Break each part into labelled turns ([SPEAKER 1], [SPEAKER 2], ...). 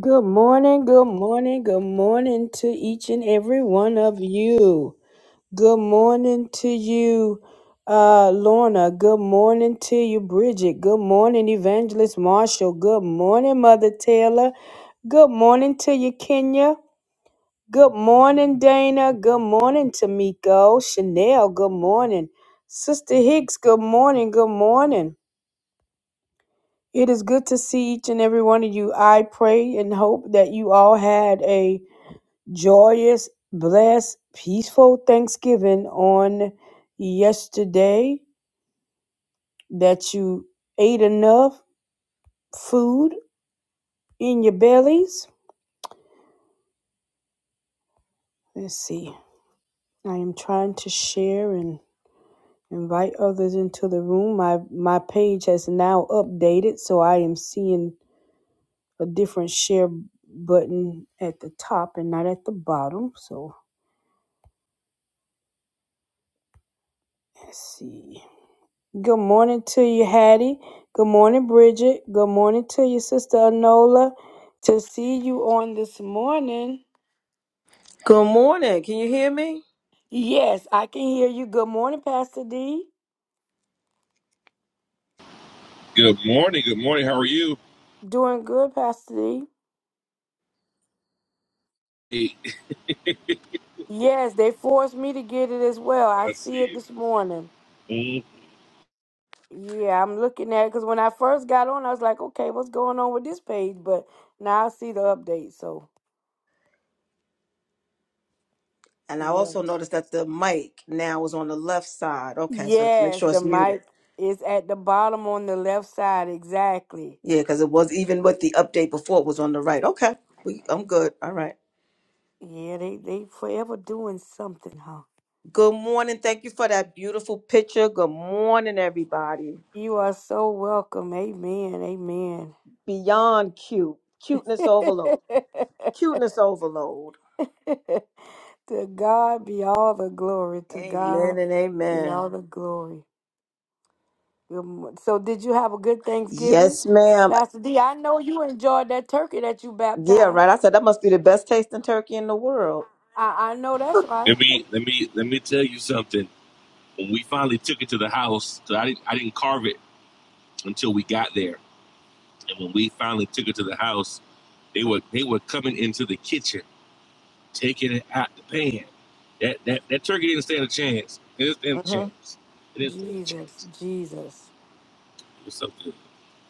[SPEAKER 1] Good morning, good morning, good morning to each and every one of you. Good morning to you, uh, Lorna. Good morning to you, Bridget. Good morning, Evangelist Marshall. Good morning, Mother Taylor. Good morning to you, Kenya. Good morning, Dana. Good morning, Tamiko. Chanel, good morning. Sister Hicks, good morning, good morning. It is good to see each and every one of you. I pray and hope that you all had a joyous, blessed, peaceful Thanksgiving on yesterday that you ate enough food in your bellies. Let's see. I am trying to share and invite others into the room. My my page has now updated, so I am seeing a different share button at the top and not at the bottom. So let's see. Good morning to you, Hattie. Good morning, Bridget. Good morning to you, Sister Anola. To see you on this morning.
[SPEAKER 2] Good morning. Can you hear me?
[SPEAKER 1] Yes, I can hear you. Good morning, Pastor D.
[SPEAKER 3] Good morning. Good morning. How are you?
[SPEAKER 1] Doing good, Pastor D.
[SPEAKER 3] Hey,
[SPEAKER 1] Yes, they forced me to get it as well. I
[SPEAKER 3] I
[SPEAKER 1] see
[SPEAKER 3] see
[SPEAKER 1] it this morning.
[SPEAKER 3] you. Mm.
[SPEAKER 1] Yeah, I'm looking at it because when I first got on, I was like, okay, what's going on with this page? But now I see the update. So,
[SPEAKER 2] And I also
[SPEAKER 1] yes.
[SPEAKER 2] noticed that the mic now is on the left side. Okay, so make
[SPEAKER 1] Yes,
[SPEAKER 2] sure
[SPEAKER 1] the
[SPEAKER 2] it's
[SPEAKER 1] mic
[SPEAKER 2] muted.
[SPEAKER 1] is at the bottom on the left side. Exactly.
[SPEAKER 2] Yeah, because it was even with the update before it was on the right. Okay, we, I'm good. All right.
[SPEAKER 1] Yeah, they, they forever doing something, huh?
[SPEAKER 2] Good morning. Thank you for that beautiful picture. Good morning, everybody.
[SPEAKER 1] You are so welcome. Amen. Amen.
[SPEAKER 2] Beyond cute, cuteness overload, cuteness overload.
[SPEAKER 1] to God be all the glory. To
[SPEAKER 2] Amen
[SPEAKER 1] God
[SPEAKER 2] and
[SPEAKER 1] be all
[SPEAKER 2] amen.
[SPEAKER 1] the glory. Good mo- So, did you have a good Thanksgiving,
[SPEAKER 2] Yes, ma'am.
[SPEAKER 1] Pastor D? I know you enjoyed that turkey that you
[SPEAKER 2] Yeah,
[SPEAKER 1] baptized.
[SPEAKER 2] right. I said that must be the best tasting turkey in the world.
[SPEAKER 1] I, I know that's right.
[SPEAKER 3] Let me let me let me tell you something. When we finally took it to the house, 'cause I didn't I didn't carve it until we got there, and when we finally took it to the house, they were they were coming into the kitchen, taking it out the pan. That that that turkey didn't stand a chance. It didn't stand a
[SPEAKER 2] hmm
[SPEAKER 3] chance. It didn't stand a
[SPEAKER 1] Jesus,
[SPEAKER 3] chance.
[SPEAKER 1] Jesus.
[SPEAKER 3] It was so good.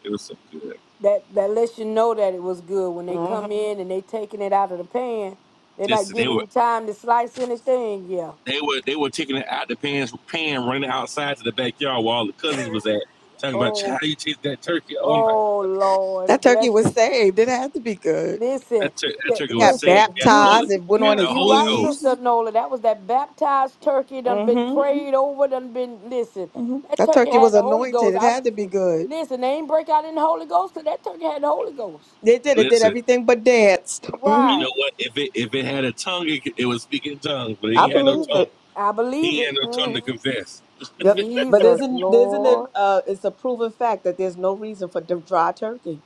[SPEAKER 3] It was so good.
[SPEAKER 1] that that lets you know that it was good when they
[SPEAKER 2] hmm
[SPEAKER 1] come in and they taking it out of the pan. They're not
[SPEAKER 3] Listen, they were.
[SPEAKER 1] giving you time to slice anything. Yeah.
[SPEAKER 3] They were they were taking it out the pans, pan running outside to the backyard where all the cousins was at, talking about how
[SPEAKER 1] Oh,
[SPEAKER 3] do you chase that turkey. Oh my,
[SPEAKER 1] oh Lord,
[SPEAKER 2] That turkey
[SPEAKER 1] bless
[SPEAKER 2] was
[SPEAKER 1] it.
[SPEAKER 2] saved. It had to be good.
[SPEAKER 1] Listen,
[SPEAKER 3] that, tur- that
[SPEAKER 1] li-
[SPEAKER 3] turkey
[SPEAKER 2] It
[SPEAKER 3] was
[SPEAKER 2] got
[SPEAKER 1] listen.
[SPEAKER 3] saved. Got the Holy,
[SPEAKER 2] baptized.
[SPEAKER 1] You,
[SPEAKER 2] It went on
[SPEAKER 3] got
[SPEAKER 1] you,
[SPEAKER 3] the
[SPEAKER 2] his
[SPEAKER 1] you
[SPEAKER 3] Holy
[SPEAKER 1] right,
[SPEAKER 3] Ghost.
[SPEAKER 2] knees.
[SPEAKER 1] Sister Nola. That was that baptized turkey. Done been
[SPEAKER 2] hmm
[SPEAKER 1] prayed over. Done been. Listen,
[SPEAKER 2] hmm
[SPEAKER 1] that
[SPEAKER 2] That
[SPEAKER 1] turkey
[SPEAKER 2] turkey
[SPEAKER 1] had
[SPEAKER 2] was
[SPEAKER 1] the Holy
[SPEAKER 2] anointed.
[SPEAKER 1] Ghost.
[SPEAKER 2] It
[SPEAKER 1] I'm.
[SPEAKER 2] had to be good.
[SPEAKER 1] Listen, they ain't break out in the Holy Ghost because that turkey had the Holy Ghost.
[SPEAKER 2] They did. It did
[SPEAKER 3] Listen,
[SPEAKER 2] everything but danced.
[SPEAKER 3] you
[SPEAKER 2] hmm
[SPEAKER 1] Why?
[SPEAKER 3] know what? If it if it had a tongue, it, it was speaking tongues, but
[SPEAKER 2] I
[SPEAKER 3] he had no
[SPEAKER 2] believe
[SPEAKER 3] tongue.
[SPEAKER 2] it.
[SPEAKER 1] I believe
[SPEAKER 3] He
[SPEAKER 1] it.
[SPEAKER 3] had no tongue to
[SPEAKER 1] Mm-hmm.
[SPEAKER 3] confess.
[SPEAKER 2] Yep. But
[SPEAKER 1] Jesus,
[SPEAKER 2] isn't isn't it?
[SPEAKER 1] Lord.
[SPEAKER 2] Uh, it's a proven fact that there's no reason for the dry turkey.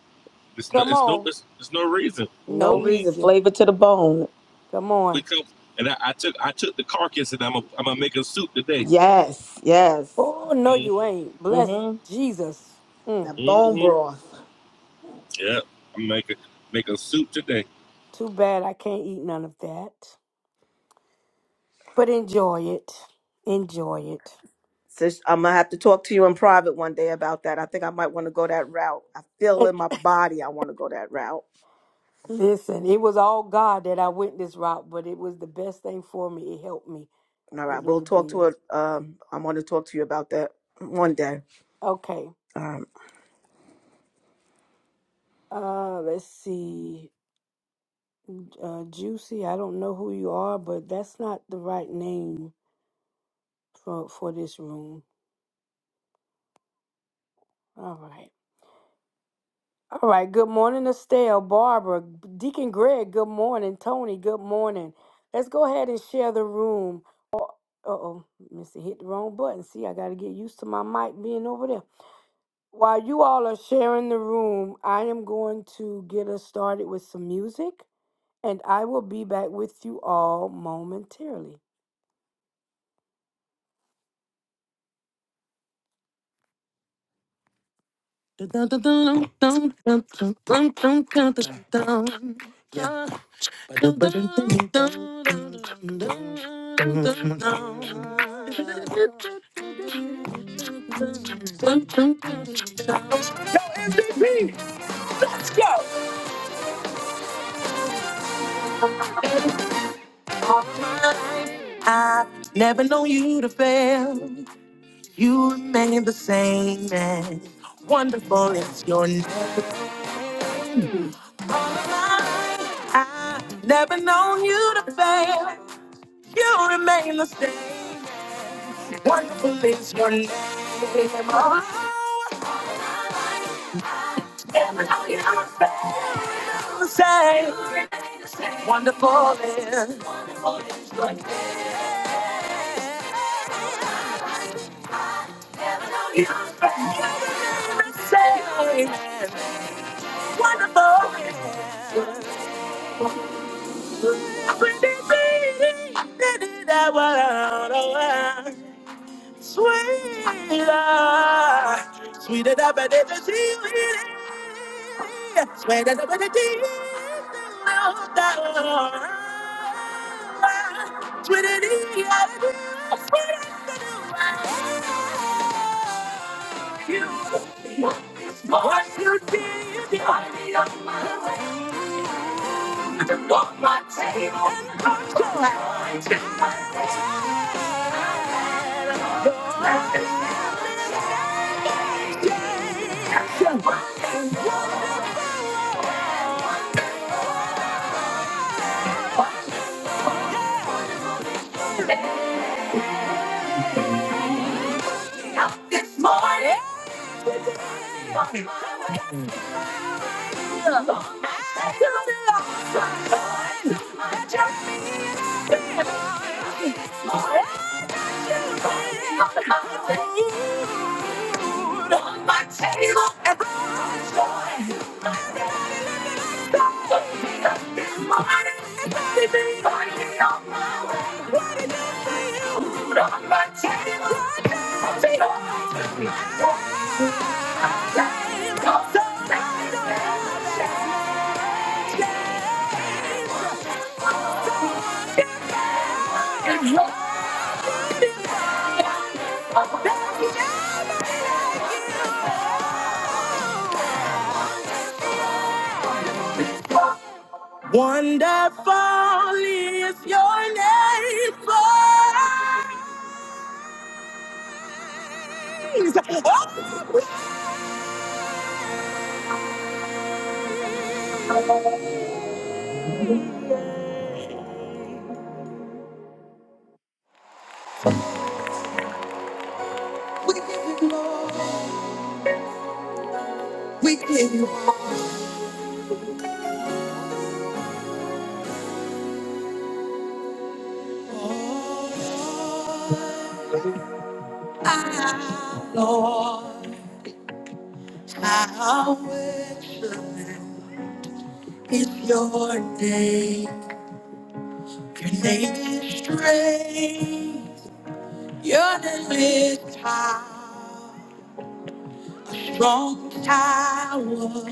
[SPEAKER 3] It's no,
[SPEAKER 1] Come
[SPEAKER 3] it's no,
[SPEAKER 1] on.
[SPEAKER 3] it's, it's no reason.
[SPEAKER 1] No
[SPEAKER 2] No
[SPEAKER 3] Mm-mm.
[SPEAKER 2] reason.
[SPEAKER 1] reason.
[SPEAKER 2] Flavor to the bone.
[SPEAKER 1] Come
[SPEAKER 3] We
[SPEAKER 1] on.
[SPEAKER 3] come and I, I took I took the carcass and I'm a, I'm gonna make a soup today.
[SPEAKER 2] Yes. Yes.
[SPEAKER 1] Oh, no,
[SPEAKER 3] hmm
[SPEAKER 1] you ain't. Bless
[SPEAKER 2] hmm
[SPEAKER 1] Jesus. Mm,
[SPEAKER 2] That bone
[SPEAKER 3] hmm
[SPEAKER 2] broth.
[SPEAKER 3] Yeah, I'm making make a soup today.
[SPEAKER 1] too bad I can't eat none of that. But enjoy it. Enjoy it.
[SPEAKER 2] Sis, I'm gonna have to talk to you in private one day about that. I think I might want to go that route. I feel
[SPEAKER 1] It-
[SPEAKER 2] in my body I want to go that route.
[SPEAKER 1] Listen, it was all God that I went this route, but it was the best thing for me. It helped me.
[SPEAKER 2] All
[SPEAKER 1] It
[SPEAKER 2] right, we'll
[SPEAKER 1] really
[SPEAKER 2] talk to
[SPEAKER 1] did.
[SPEAKER 2] it. Um, I want to talk to you about that one day.
[SPEAKER 1] Okay.
[SPEAKER 2] Um,
[SPEAKER 1] Uh, let's see. Uh, Juicy, I don't know who you are, but that's not the right name for for this room. All right. All right. Good morning, Estelle, Barbara, Deacon Greg. Good morning, Tony. Good morning. Let's go ahead and share the room. Uh oh, Missy hit the wrong button. See, I got to get used to my mic being over there. While you all are sharing the room, I am going to get us started with some music, and I will be back with you all momentarily. Count I've never known you to fail. You remain the same man. Wonderful is your name. I've never known you to fail. You remain the same. Wonderful is your name. Oh, you remain the same. Wonderful is say wonderful is pretty baby did it that world sweeter sweeter than the tea sweeter than the tea Sweeter than the tea. You. This morning, find me on my way to my table and cut you off. This morning, find me on my way to my table and cut you off. What it done for you? Put on my table. I'll take all my time. Wonderful is your name, praise. Oh, we we give you glory, we give you glory. I worship your name. Your name is great, your name is power.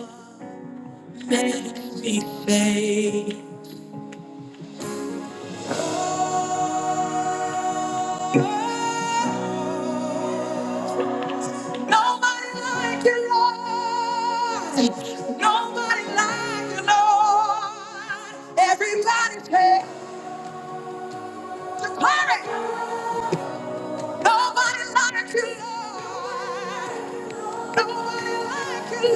[SPEAKER 1] Nobody like you, Lord. Nobody like you, Lord. Everybody take the glory. Nobody like you, Lord. Glory. you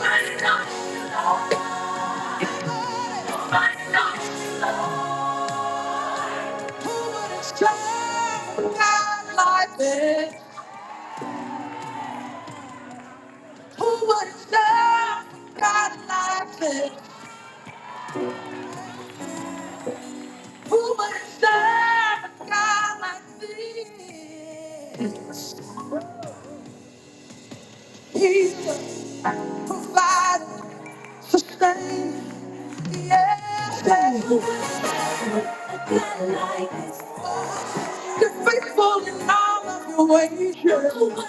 [SPEAKER 1] Nobody like you, Lord. Who would have served God like this? Who would have served God like this? Who would have served God like this? He's a provider, sustainer, yes. yes. You're faithful in all of your ways.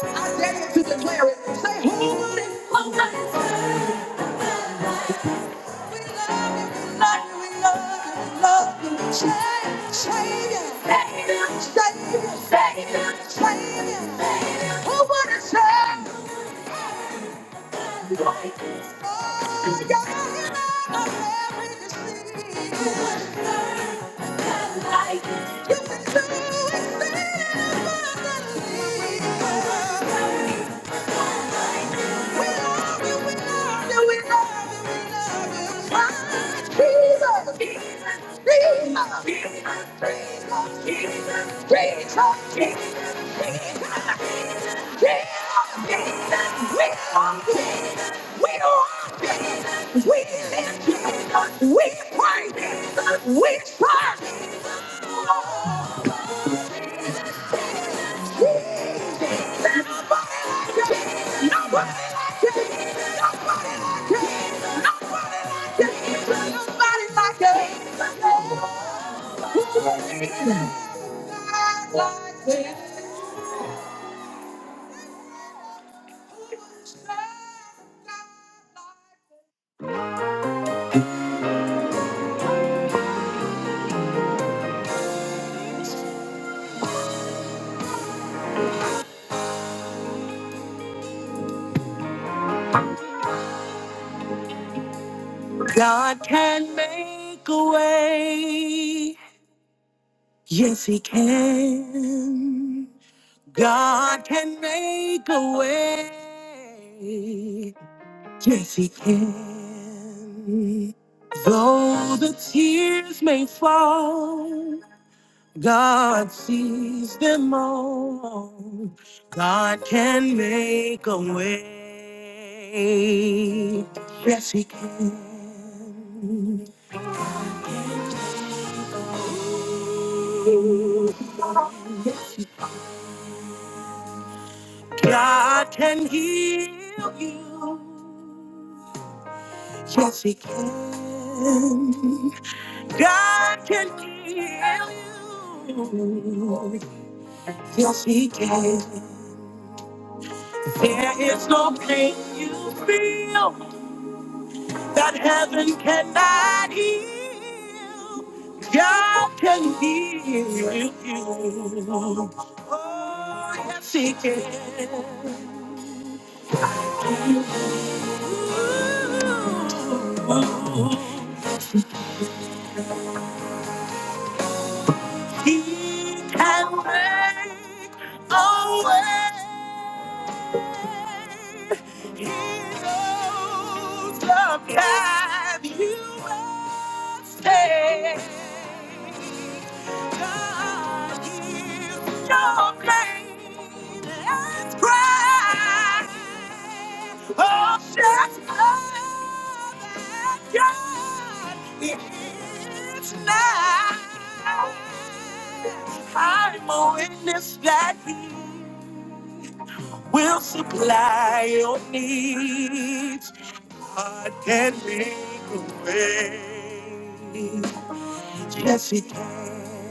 [SPEAKER 1] I dare you to declare it. Say, who would have loved We love you, we love you, we love you, we love you. Savior, Savior, Savior, Savior, Savior. Savior, Savior. Who would have said, oh, you're the hero of every disease. Who would have served a life? You can do it, Savior, for the leader. We praise Jesus. We praise Jesus. God can make a way. Yes, He can. God can make a way. Yes, He can. Though the tears may fall, God sees them all. God can make a way. Yes, He can. God can heal you. Yes, He can. God can heal you. Yes, He can. There is no pain you feel that heaven cannot heal. God can heal you. Oh, yes, He can. He can make a way. He knows the path you must take. God hears your plainest Oh, just know that God is nigh. I'm a witness that He will supply your needs. God can make a way. Yes, He can.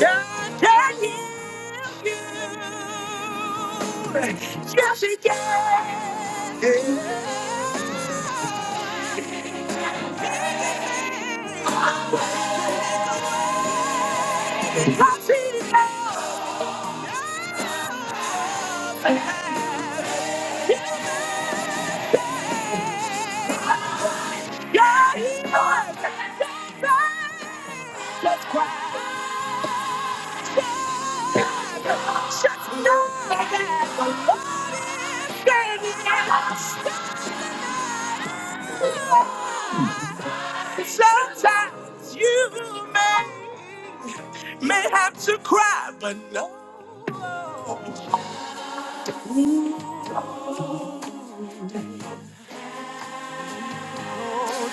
[SPEAKER 1] God can heal you. Yes, He can. Yes, He can. God is Lord. Let's cry. Just know that the Lord is good. Sometimes you may may have to cry, but no.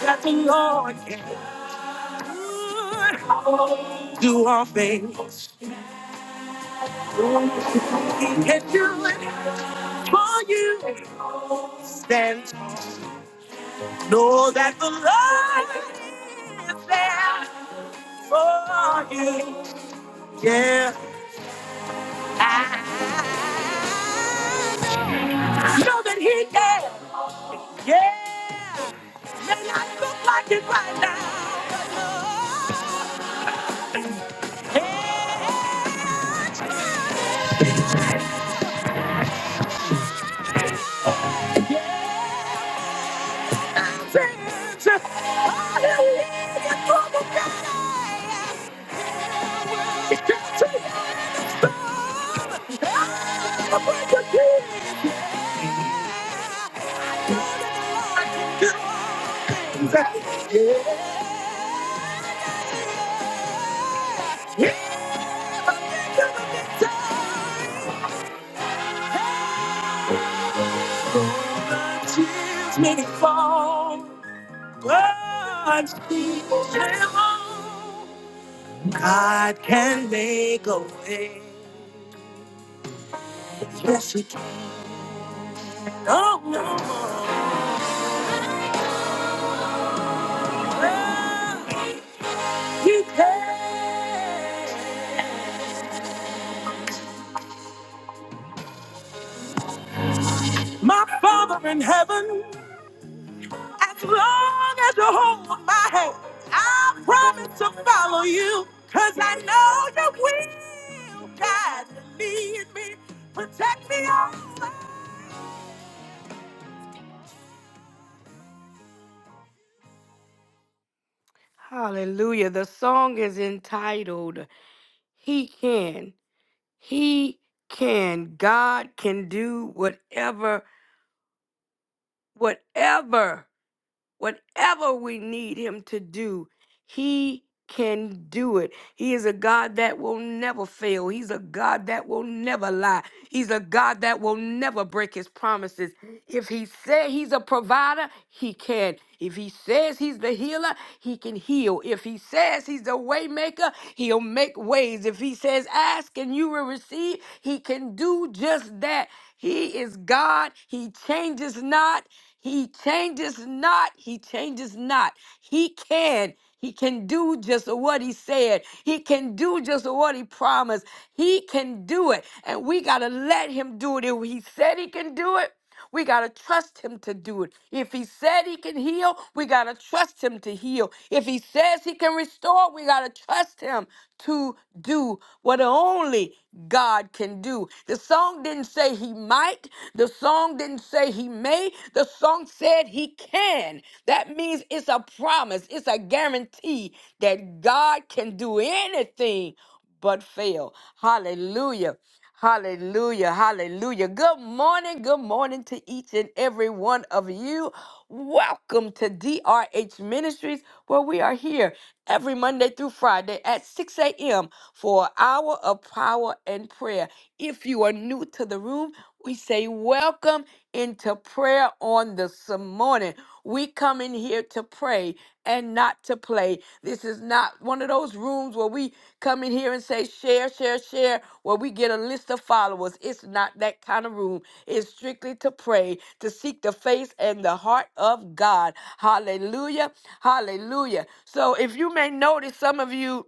[SPEAKER 1] that the Lord can do all things. He can do it for you. Then know that the Lord is there for you. Yeah. Know that He can. Yeah. May not look like it right now. but Lord, it's a- Hallelujah. May fall, but she will. God can make a way. Yes, He can. Oh, no. Oh, He can. My Father in heaven. As long as you hold my hand, I promise to follow you. Cause I know you will guide and lead me, protect me all. my- Hallelujah. The song is entitled He Can. He can. God can do whatever, whatever. Whatever we need him to do, he can do it. He is a God that will never fail. He's a God that will never lie. He's a God that will never break his promises. If he said he's a provider, he can. If he says he's the healer, he can heal. If he says he's the waymaker, He'll make ways. If he says ask and you will receive, he can do just that. He is God. He changes not. He changes not. He changes not. He can. He can do just what he said. He can do just what he promised. He can do it. And we got to let him do it. If he said he can do it, we got to trust him to do it. If he said he can heal, we got to trust him to heal. If he says he can restore, we got to trust him to do what only God can do. The song didn't say he might, the song didn't say he may, the song said he can. That means it's a promise, it's a guarantee that God can do anything but fail. Hallelujah. Hallelujah. Hallelujah. Good morning. Good morning to each and every one of you. Welcome to DRH Ministries, where we are here every Monday through Friday at 6 a.m. for an hour of power and prayer. If you are new to the room, we say welcome into prayer on this morning. We come in here to pray and not to play. This is not one of those rooms where we come in here and say share, share, share, where we get a list of followers. It's not that kind of room. It's strictly to pray, to seek the face and the heart of God. Hallelujah. Hallelujah. So if you may notice, some of you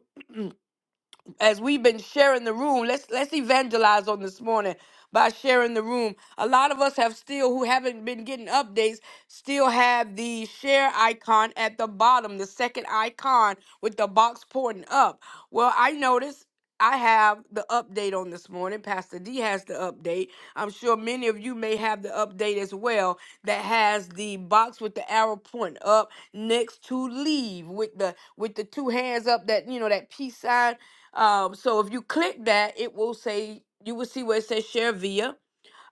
[SPEAKER 1] as we've been sharing the room let's let's evangelize on this morning by sharing the room a lot of us have still who haven't been getting updates still have the share icon at the bottom the second icon with the box pointing up well i noticed I have the update on this morning. Pastor D has the update. I'm sure many of you may have the update as well that has the box with the arrow pointing up next to leave with the with the two hands up that you know that peace sign um, so if you click that, it will say you will see where it says share via.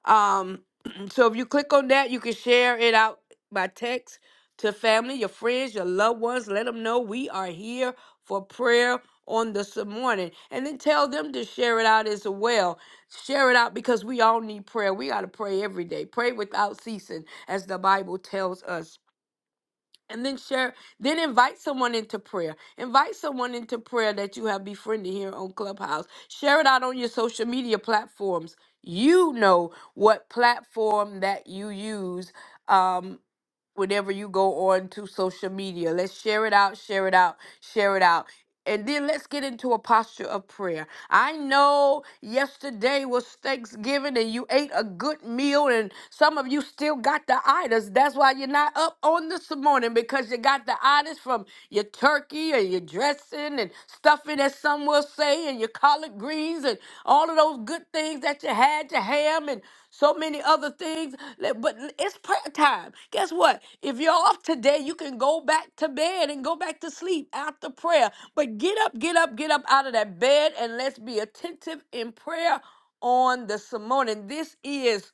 [SPEAKER 1] Um, so if you click on that, you can share it out by text to family, your friends, your loved ones. Let them know we are here for prayer on this morning, and then tell them to share it out as well. Share it out because we all need prayer. We got to pray every day. Pray without ceasing, as the Bible tells us and then share then invite someone into prayer invite someone into prayer that you have befriended here on clubhouse share it out on your social media platforms you know what platform that you use um whenever you go on to social media let's share it out share it out share it out and then let's get into a posture of prayer I know yesterday was Thanksgiving and you ate a good meal, and some of you still got the itis. That's why you're not up on this morning because you got the itis from your turkey and your dressing and stuffing, as some will say, and your collard greens and all of those good things that you had Your ham and so many other things. Let- But it's prayer time. Guess what? If you're off today, you can go back to bed and go back to sleep after prayer. But get up, get up, get up out of that bed and let's be attentive in prayer on this morning. This is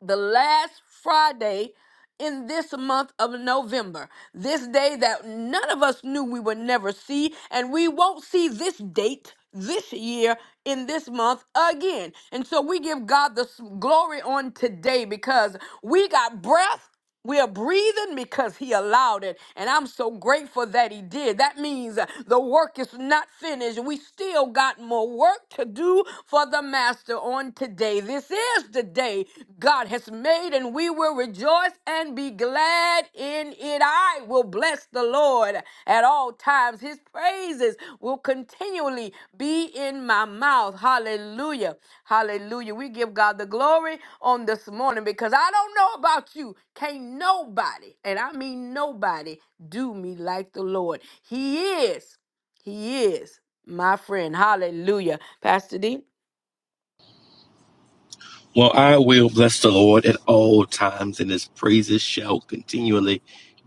[SPEAKER 1] the last Friday in this month of November. This day that none of us knew we would never see, and we won't see this date this year in this month again. And so we give God the s- glory on today because we got breath. We are breathing because he allowed it. And I'm so grateful that he did. That means uh, the work is not finished. We still got more work to do for the master on today. This is the day God has made, and we will rejoice and be glad in it. I will bless bless the Lord at all times. His praises will continually be in my mouth. Hallelujah. Hallelujah. We give God the glory on this morning because I don't know about you. Can't nobody, and I mean nobody, do me like the Lord. He is, He is my friend. Hallelujah. Pastor D.
[SPEAKER 3] Well, I will bless the Lord at all times, and his praises shall continually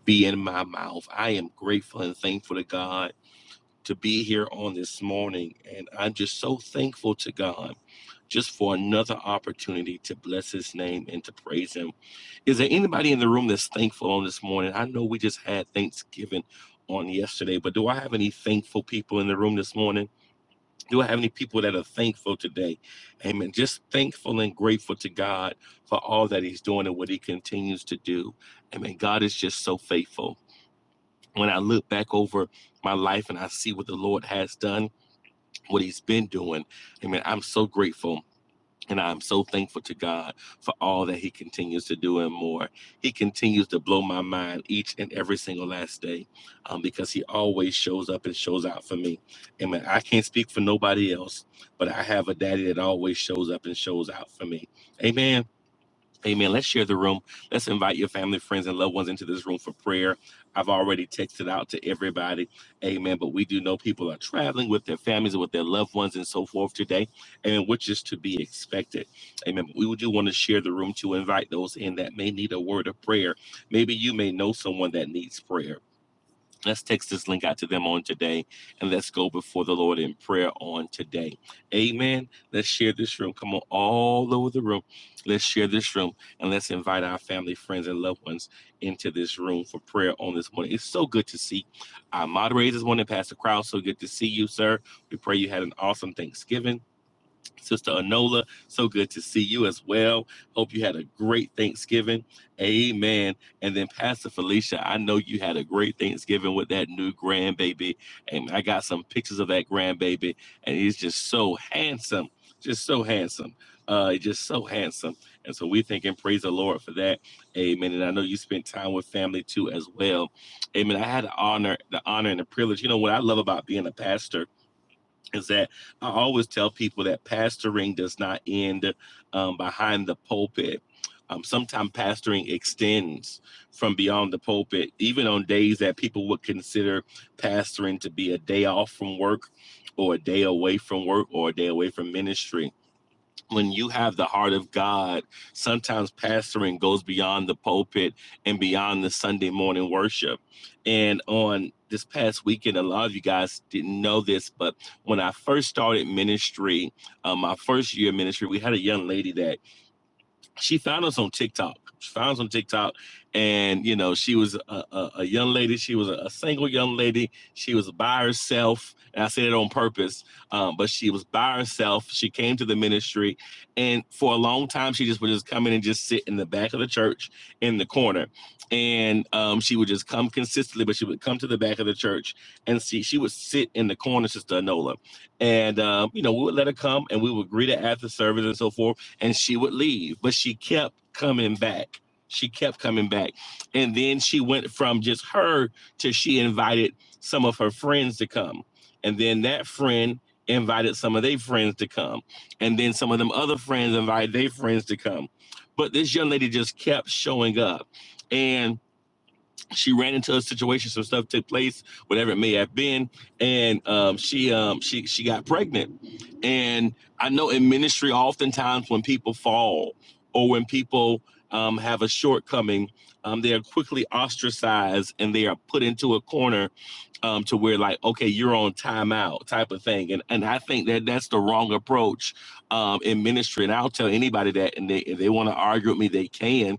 [SPEAKER 3] be in my mouth. I am grateful and thankful to God to be here on this morning, and I'm just so thankful to God just for another opportunity to bless his name and to praise him. Is there anybody in the room that's thankful on this morning? I know we just had Thanksgiving on yesterday, but do I have any thankful people in the room this morning? Do I have any people that are thankful today? Amen. Just thankful and grateful to God for all that He's doing and what He continues to do. Amen. God is just so faithful. When I look back over my life and I see what the Lord has done, what He's been doing, Amen, I'm so grateful. And I'm so thankful to God for all that He continues to do and more. He continues to blow my mind each and every single last day um, because He always shows up and shows out for me. Amen. I can't speak for nobody else, but I have a daddy that always shows up and shows out for me. Amen. Amen. Let's share the room. Let's invite your family, friends, and loved ones into this room for prayer. I've already texted out to everybody. Amen. But we do know people are traveling with their families and with their loved ones and so forth today. and Which is to be expected. Amen. But we do want to share the room to invite those in that may need a word of prayer. Maybe you may know someone that needs prayer. Let's text this link out to them on today and let's go before the Lord in prayer on today. Amen. Let's share this room. Come on, all over the room. Let's share this room and let's invite our family, friends, and loved ones into this room for prayer on this morning. It's so good to see our moderators this morning, Pastor Crowd. So good to see you, sir. We pray you had an awesome Thanksgiving. Sister Anola, so good to see you as well. Hope you had a great Thanksgiving. Amen. And then Pastor Felicia, I know you had a great Thanksgiving with that new grandbaby. And I got some pictures of that grandbaby, and he's just so handsome. Just so handsome. Uh, just so handsome. And so we thank and praise the Lord for that. Amen. And I know you spent time with family too as well. Amen. I had the honor, the honor and the privilege. You know what I love about being a pastor is that I always tell people that pastoring does not end um, behind the pulpit. Um, sometimes pastoring extends from beyond the pulpit, even on days that people would consider pastoring to be a day off from work or a day away from work or a day away from ministry when you have the heart of God, sometimes pastoring goes beyond the pulpit and beyond the Sunday morning worship. And on this past weekend, a lot of you guys didn't know this, but when I first started ministry, um, my first year of ministry, we had a young lady that she found us on TikTok. She found us on TikTok, and you know, she was a, a, a young lady. She was a, a single young lady. She was by herself, and I said it on purpose. Um, but she was by herself. She came to the ministry, and for a long time, she just would just come in and just sit in the back of the church in the corner, and um, she would just come consistently. But she would come to the back of the church and see. She would sit in the corner, Sister Anola, and um, you know, we would let her come, and we would greet her after service and so forth and she would leave, but she kept coming back. She kept coming back. And then she went from just her to she invited some of her friends to come. And then that friend invited some of their friends to come. And then some of them other friends invited their friends to come. But this young lady just kept showing up. And she ran into a situation some stuff took place whatever it may have been and um, she um, she she got pregnant and i know in ministry oftentimes when people fall or when people um, have a shortcoming um, they are quickly ostracized and they are put into a corner um, to where like okay you're on timeout type of thing and and i think that that's the wrong approach um, in ministry and i'll tell anybody that and they, if they want to argue with me they can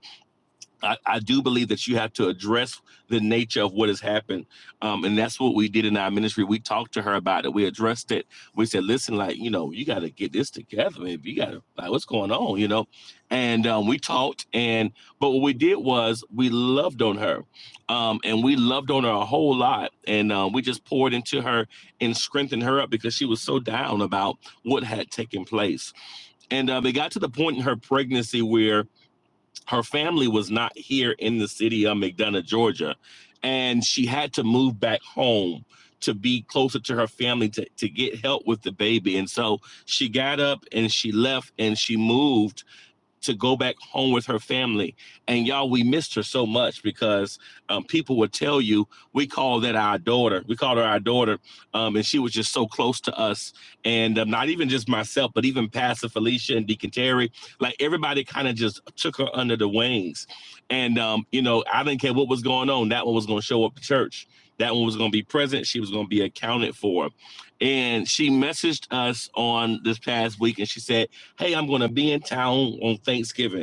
[SPEAKER 3] I, I do believe that you have to address the nature of what has happened. Um, and that's what we did in our ministry. We talked to her about it. We addressed it. We said, listen, like, you know, you got to get this together, baby. You got to, like, what's going on, you know? And um, we talked. And, but what we did was we loved on her. Um, and we loved on her a whole lot. And um, we just poured into her and strengthened her up because she was so down about what had taken place. And um, it got to the point in her pregnancy where, her family was not here in the city of McDonough, Georgia, and she had to move back home to be closer to her family to, to get help with the baby. And so she got up and she left and she moved to go back home with her family. And y'all, we missed her so much because um, people would tell you we call that our daughter. We called her our daughter, um, and she was just so close to us. And um, not even just myself, but even Pastor Felicia and Deacon Terry, like everybody kind of just took her under the wings. And um, you know, I didn't care what was going on. That one was going to show up to church. That one was going to be present. She was going to be accounted for. And she messaged us on this past week, and she said hey, I'm going to be in town on Thanksgiving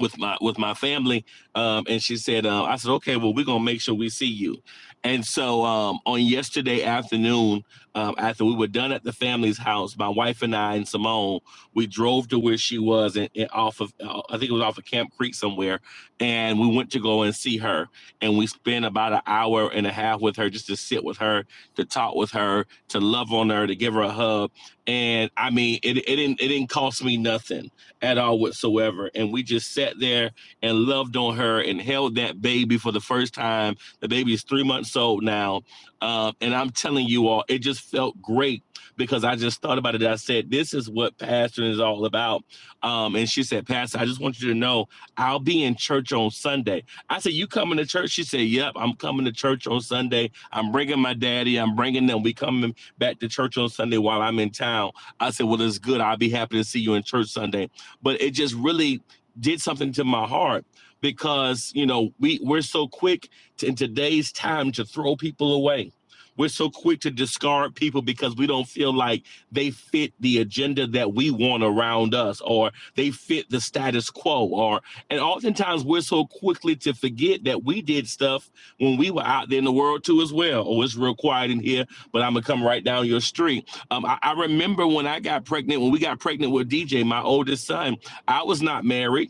[SPEAKER 3] with my with my family um, and she said uh, i said okay well we're gonna make sure we see you and so um, on yesterday afternoon um, after we were done at the family's house my wife and i and simone we drove to where she was and, and off of uh, i think it was off of camp creek somewhere and we went to go and see her and we spent about an hour and a half with her just to sit with her to talk with her to love on her to give her a hug and i mean it, it didn't it didn't cost me nothing at all whatsoever. And we just sat there and loved on her and held that baby for the first time. The baby is three months old now. Um, and I'm telling you all, it just felt great because I just thought about it. I said, This is what pastoring is all about. Um, and she said, Pastor, I just want you to know I'll be in church on Sunday. I said, You coming to church? She said, Yep, I'm coming to church on Sunday. I'm bringing my daddy. I'm bringing them. We coming back to church on Sunday while I'm in town. I said, Well, it's good. I'll be happy to see you in church Sunday but it just really did something to my heart because you know we we're so quick to, in today's time to throw people away we're so quick to discard people because we don't feel like they fit the agenda that we want around us or they fit the status quo or and oftentimes we're so quickly to forget that we did stuff when we were out there in the world too as well oh it's real quiet in here but i'm gonna come right down your street um, I, I remember when I got pregnant, when we got pregnant with DJ, my oldest son, I was not married.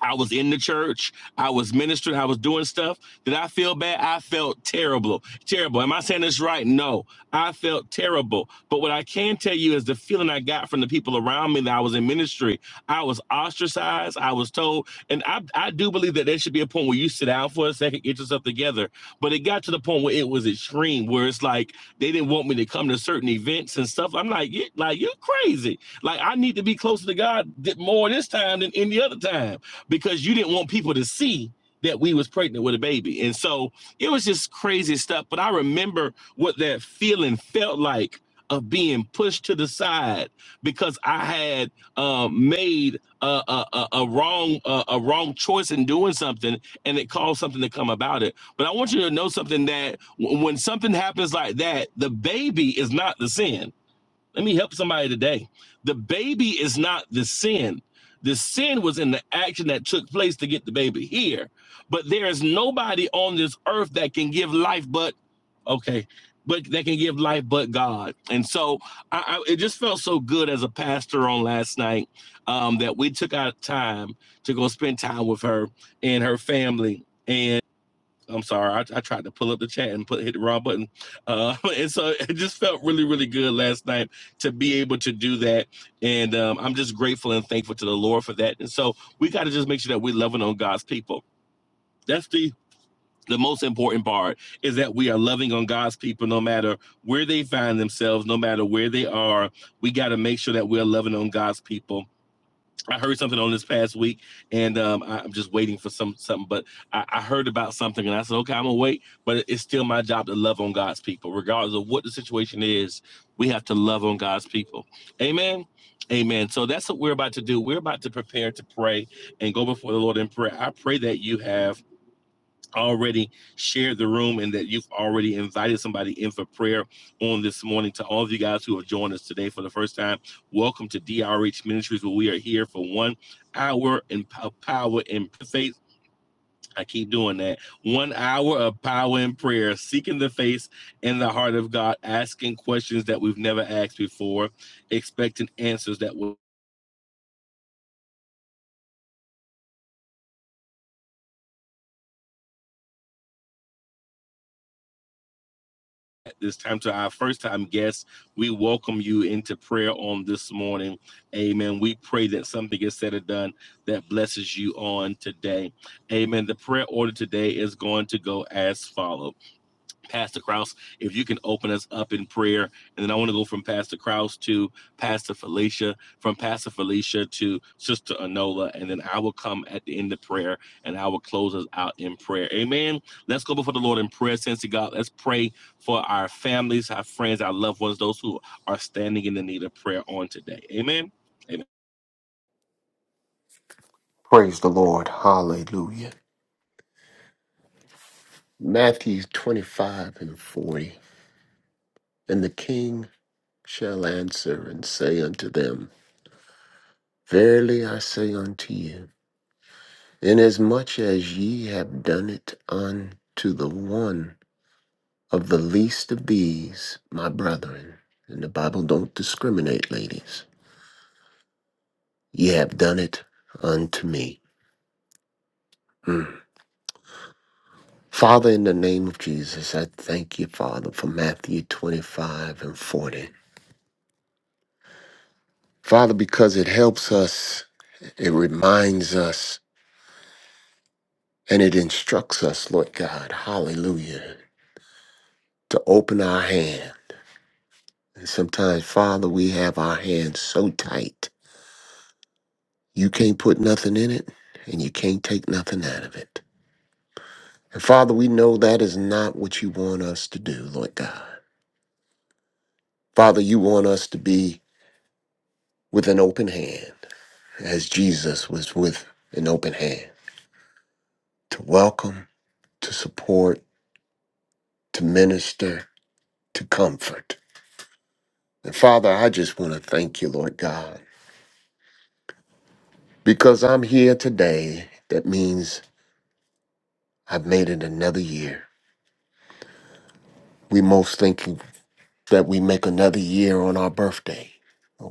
[SPEAKER 3] I was in the church. I was ministering. I was doing stuff. Did I feel bad? I felt terrible. Terrible. Am I saying this right? No. I felt terrible. But what I can tell you is the feeling I got from the people around me that I was in ministry. I was ostracized. I was told, and I, I do believe that there should be a point where you sit down for a second, get yourself together. But it got to the point where it was extreme, where it's like they didn't want me to come to certain events and stuff. I'm like, you like you're crazy. Like I need to be closer to God th- more this time than any other time because you didn't want people to see that we was pregnant with a baby. And so it was just crazy stuff. But I remember what that feeling felt like of being pushed to the side because I had uh, made a, a, a, a wrong a, a wrong choice in doing something, and it caused something to come about it. But I want you to know something that w- when something happens like that, the baby is not the sin let me help somebody today. The baby is not the sin. The sin was in the action that took place to get the baby here. But there is nobody on this earth that can give life but okay, but that can give life but God. And so I, I it just felt so good as a pastor on last night um, that we took our time to go spend time with her and her family. I'm sorry, I, I tried to pull up the chat and put hit the wrong button. Uh, and so it just felt really, really good last night to be able to do that. And um, I'm just grateful and thankful to the Lord for that. And so we got to just make sure that we're loving on God's people. That's the the most important part is that we are loving on God's people no matter where they find themselves, no matter where they are. We got to make sure that we're loving on God's people I heard something on this past week, and um, I- am just waiting for some something. But I, I heard about something, and I said, "Okay, I'm gonna wait." But it's still my job to love on God's people, regardless of what the situation is. We have to love on God's people. Amen. Amen. So that's what we're about to do. We're about to prepare to pray and go before the Lord in prayer. I pray that you have already shared the room and that you've already invited somebody in for prayer on this morning. To all of you guys who have joined us today for the first time, welcome to DRH Ministries, where we are here for one hour in power and faith. I keep doing that. One hour of power and prayer, seeking the face and the heart of God, asking questions that we've never asked before, expecting answers that will at this time to our first time guests. We welcome you into prayer on this morning. Amen. We pray that something is said and done that blesses you on today. Amen. The prayer order today is going to go as follows. Pastor Kraus, if you can open us up in prayer. And then I want to go from Pastor Kraus to Pastor Felicia, from Pastor Felicia to Sister Anola. And then I will come at the end of prayer and I will close us out in prayer. Amen. Let's go before the Lord in prayer, Sensi God. Let's pray for our families, our friends, our loved ones, those who are standing in the need of prayer on today. Amen. Amen.
[SPEAKER 4] Praise the Lord. Hallelujah. Matthew 25 and 40. And the king shall answer and say unto them, Verily I say unto you, inasmuch as ye have done it unto the one of the least of these, my brethren, and the Bible don't discriminate, ladies, ye have done it unto me. Mm. Father, in the name of Jesus, I thank you, Father, for Matthew 25 and 40. Father, because it helps us, it reminds us, and it instructs us, Lord God, hallelujah, to open our hand. And sometimes, Father, we have our hands so tight, you can't put nothing in it and you can't take nothing out of it. And Father, we know that is not what you want us to do, Lord God. Father, you want us to be with an open hand, as Jesus was with an open hand, to welcome, to support, to minister, to comfort. And Father, I just want to thank you, Lord God, because I'm here today. That means I've made it another year. We most thinking that we make another year on our birthday.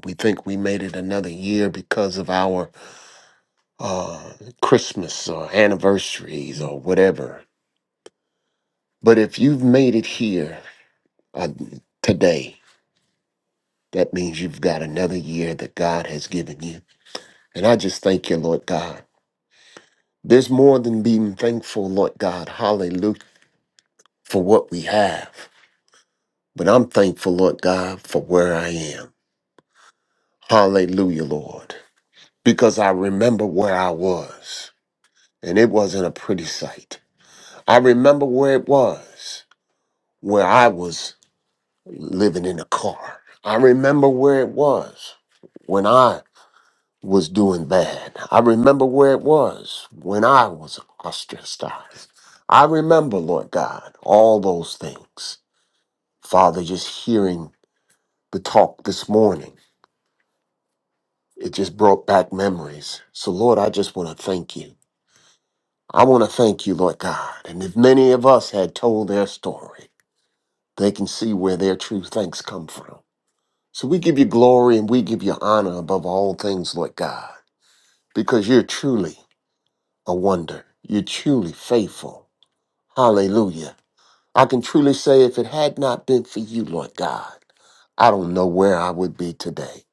[SPEAKER 4] We think we made it another year because of our uh, Christmas or anniversaries or whatever. But if you've made it here uh, today, that means you've got another year that God has given you. And I just thank you, Lord God. There's more than being thankful, Lord God. Hallelujah for what we have. But I'm thankful, Lord God, for where I am. Hallelujah, Lord. Because I remember where I was, and it wasn't a pretty sight. I remember where it was, where I was living in a car. I remember where it was when I was doing bad. I remember where it was when I was ostracized. I remember, Lord God, all those things. Father, just hearing the talk this morning It just brought back memories. So, Lord, I just want to thank you. I want to thank you, Lord God. And if many of us had told their story, they can see where their true thanks come from. So we give you glory and we give you honor above all things, Lord God, because you're truly a wonder. You're truly faithful. Hallelujah. I can truly say if it had not been for you, Lord God, I don't know where I would be today.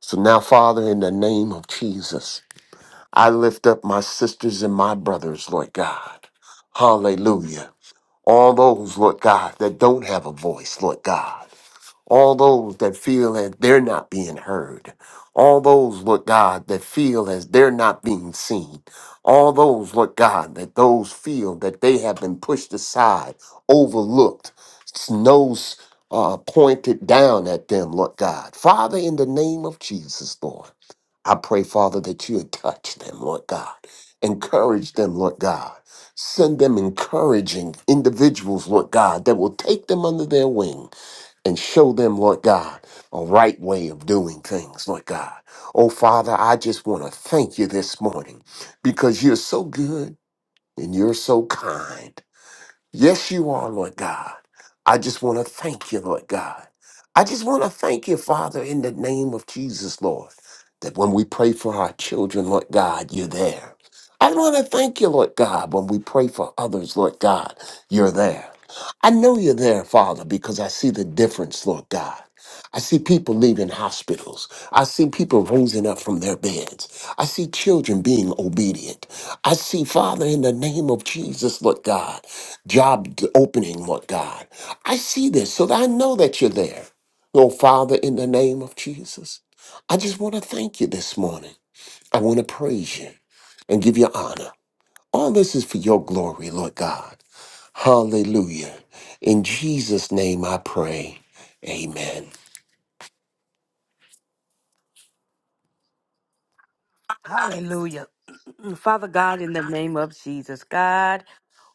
[SPEAKER 4] So now, Father, in the name of Jesus, I lift up my sisters and my brothers, Lord God. Hallelujah. All those, Lord God, that don't have a voice, Lord God. All those that feel that they're not being heard. All those, Lord God, that feel as they're not being seen. All those, Lord God, that those feel that they have been pushed aside, overlooked, nose uh, pointed down at them, Lord God. Father, in the name of Jesus, Lord. I pray, Father, that you would touch them, Lord God. Encourage them, Lord God. Send them encouraging individuals, Lord God, that will take them under their wing and show them, Lord God, a right way of doing things, Lord God. Oh, Father, I just want to thank you this morning because you're so good and you're so kind. Yes, you are, Lord God. I just want to thank you, Lord God. I just want to thank you, Father, in the name of Jesus, Lord, that when we pray for our children, Lord God, you're there. I want to thank you, Lord God, when we pray for others, Lord God, you're there. I know you're there, Father, because I see the difference, Lord God. I see people leaving hospitals. I see people raising up from their beds. I see children being obedient. I see, Father, in the name of Jesus, Lord God job d- opening, Lord God. I see this so that I know that you're there. Oh, Father, in the name of Jesus, I just want to thank you this morning. I want to praise you and give you honor. All this is for your glory, Lord God. Hallelujah. In Jesus' name I pray. Amen.
[SPEAKER 1] Hallelujah. Father God, in the name of Jesus, God.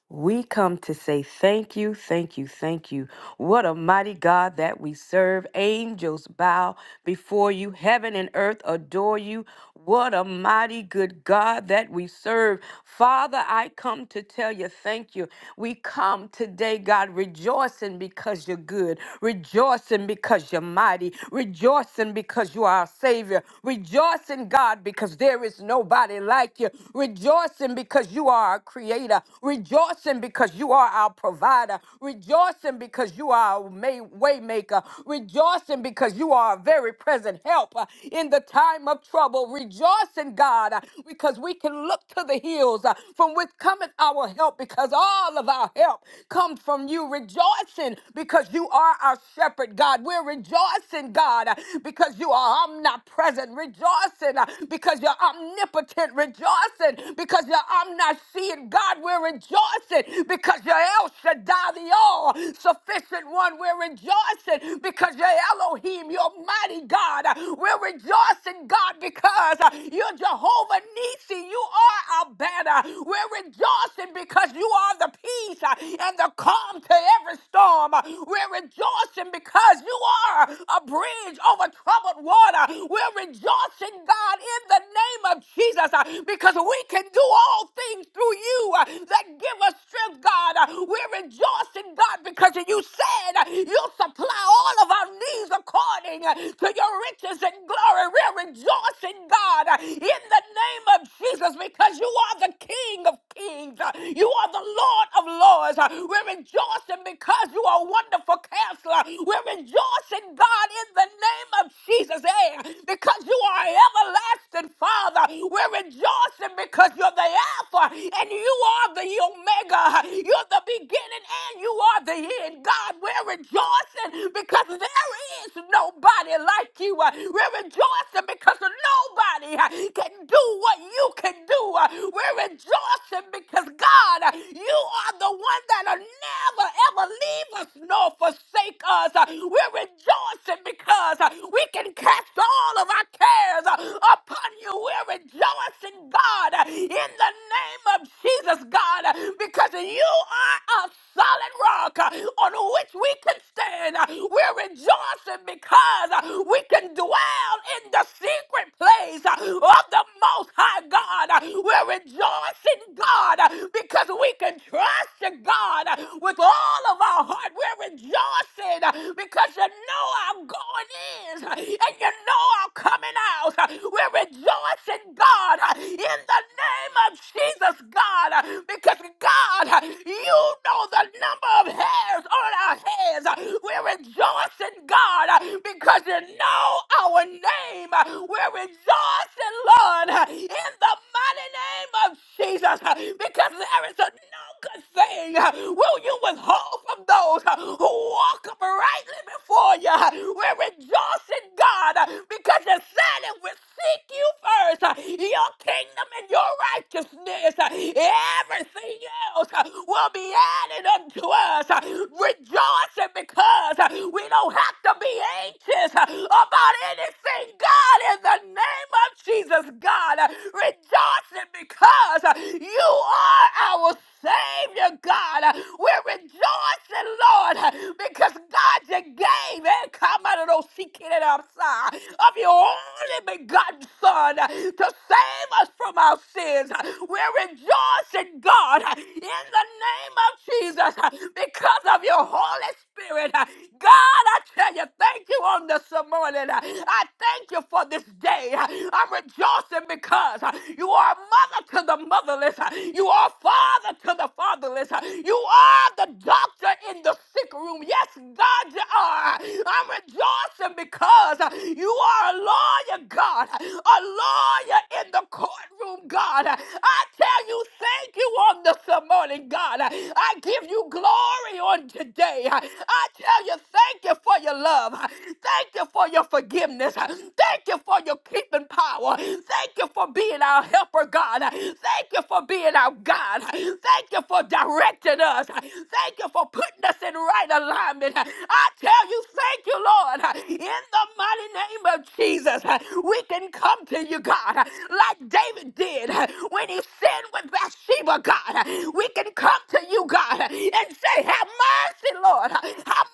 [SPEAKER 1] We come to say thank you, thank you, thank you. What a mighty God that we serve. Angels bow before you, heaven and earth adore you. What a mighty good God that we serve. Father, I come to tell you thank you. We come today, God, rejoicing because you're good, rejoicing because you're mighty, rejoicing because you are our Savior, rejoicing, God, because there is nobody like you, rejoicing because you are our Creator, rejoicing rejoicing because you are our provider, rejoicing because you are our may- way maker, rejoicing because you are a very present help uh, in the time of trouble, rejoicing, God, uh, because we can look to the hills uh, from which cometh our help, because all of our help comes from you, rejoicing because you are our shepherd, God. We're rejoicing, God, uh, because you are omnipresent, rejoicing uh, because you're omnipotent, rejoicing because you're omniscient, God. We're rejoicing rejoicing because you're El Shaddai, the all sufficient one. We're rejoicing because you're Elohim, your mighty God. We're rejoicing, God, because you're Jehovah Nissi, You are our banner. We're rejoicing because you are the peace and the calm to every storm. We're rejoicing because you are a bridge over troubled water. We're rejoicing, God, in the name of Jesus, because we can do all things through you uh, that give us strength, God. We're rejoicing, God, because you said you'll supply all of our needs according to your riches and glory. We're rejoicing, God, in the name of Jesus, because you are the King of kings. You are the Lord of lords. We're rejoicing because you are a wonderful counselor. We're rejoicing, God, in the name of Jesus, eh, because you are an everlasting Father. We're rejoicing because you're the Alpha and you are the Omega. Omega. You're the beginning and you are the end. God, we're rejoicing because there is nobody like you. Uh, We're rejoicing because nobody uh, can do what you can do. Uh, We're rejoicing because God, uh, you are the one that'll never ever leave us nor forsake us. Uh, We're rejoicing because uh, we can cast all of our cares uh, upon you. We're rejoicing, God, uh, in the name of Jesus, God because you are a solid rock uh, on which we can stand. Uh, We're rejoicing because uh, we can dwell in the secret place uh, of the Most High God. Uh, We're rejoicing, God, uh, because we can trust you, God, uh, with all of our heart. We're rejoicing uh, because you know our going in uh, and you know our coming out. Uh, We're rejoicing, God, uh, in the name of Jesus, God, uh, because God, you know the number of hairs on our heads. We're rejoicing, God, because you know our name. We're rejoicing, Lord, in the mighty name of Jesus, because there is a no good thing will you withhold from those who walk uprightly before you. We're rejoicing, God, because you said if we seek you first, your kingdom and your righteousness, everything else uh, will be added unto us. uh, Rejoicing because uh, we don't have to be anxious uh, about anything, God, in the name of Jesus, God. uh, Rejoicing because uh, you are our Savior, God. Uh, We're rejoicing, Lord, uh, because God, you gave it. Come out of those seeking it outside of your only begotten Son uh, to save us from our sins. uh, We're rejoicing, God, in the name of Jesus uh, because of your Holy Spirit. uh, God, I tell you, thank you on this morning. uh, I thank you for this day. uh, I'm rejoicing because uh, you are a mother to the motherless. uh, You are a father to the fatherless. uh, You are the doctor in the sick room. Yes, God, you are. I'm rejoicing awesome because uh, you are a lawyer, God, a lawyer in the courtroom, God. I tell you, thank you on this morning, God. I give you glory on today. I tell you, thank you for your love. Thank you for your forgiveness. Thank you for your keeping power. Thank you for being our helper, God. Thank you for being our God. Thank you for directing us. Thank you for putting us in right alignment. I tell you, thank. Thank you, Lord. In the mighty name of Jesus, we can come to you, God, like David did when he sinned with Bathsheba, God. We can come to you, God, and say, Have mercy, Lord. Have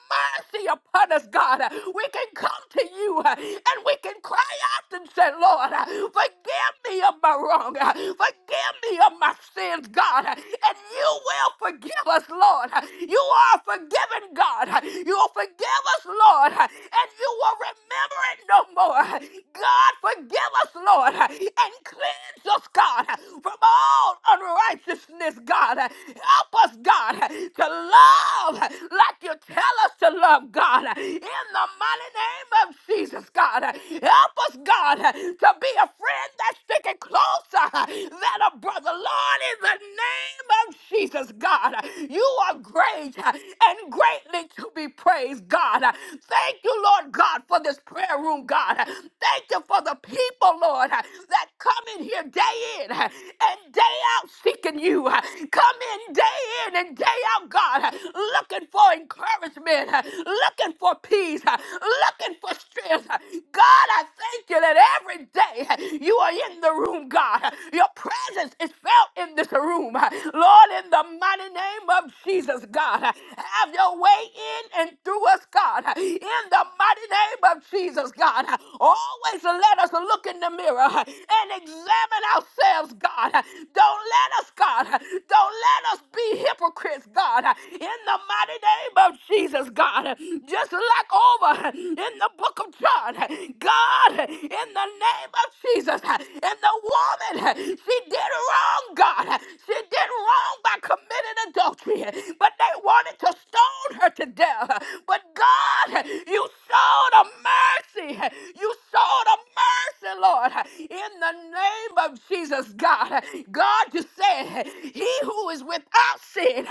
[SPEAKER 1] mercy upon us, God. We can come to you uh, and we can cry out and say, Lord, uh, forgive me of my wrong. uh, Forgive me of my sins, God. uh, And you will forgive us, Lord. uh, You are forgiven, God. uh, You will forgive us, Lord. uh, And you will remember it no more. uh, God, forgive us, Lord. uh, And cleanse us, God, uh, from all unrighteousness, God. uh, Help us, God, uh, to love uh, like you tell us to love, God. uh, In the the mighty name of Jesus, God. Help us, God, to be a friend that's sticking closer than a brother. Lord, in the name of Jesus, God, you are great and greatly to be praised, God. Thank you, Lord God, for this prayer room, God. Thank you for the people, Lord, that come in here day in and day out seeking you. Come in day in and day out, God, looking for encouragement, looking for peace, uh, looking for strength. uh. God, I thank you that every day uh, you are in the room, God. Uh, Your presence is felt in this room. uh. Lord, in the mighty name of Jesus, God, uh, have your way in and through us, God. Uh, In the mighty name of Jesus, God, uh, always let us look in the mirror uh, and examine ourselves, God. Uh, Don't let us, God, uh, don't let us be hypocrites, God. Uh, In the mighty name of Jesus, God, just like over in the book of John, God, in the name of Jesus, and the woman, she did wrong, God. She did wrong by committing adultery, but they wanted to stone her to death. But God, you showed a mercy. You showed a mercy, Lord, in the name of Jesus, God. God, you said, He who is without sin,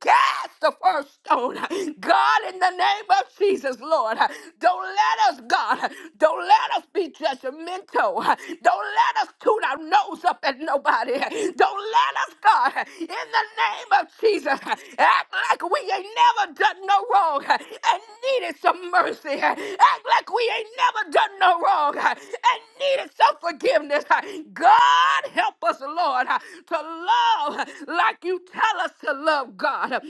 [SPEAKER 1] cast the first first stone. God, in the name of Jesus, Lord, don't let us, God, don't let us be judgmental. Don't let us toot our nose up at nobody. Don't let us, God, in the name of Jesus, act like we ain't never done no wrong and needed some mercy. Act like we ain't never done no wrong and needed some forgiveness. God help us, Lord, to love like you tell us to love God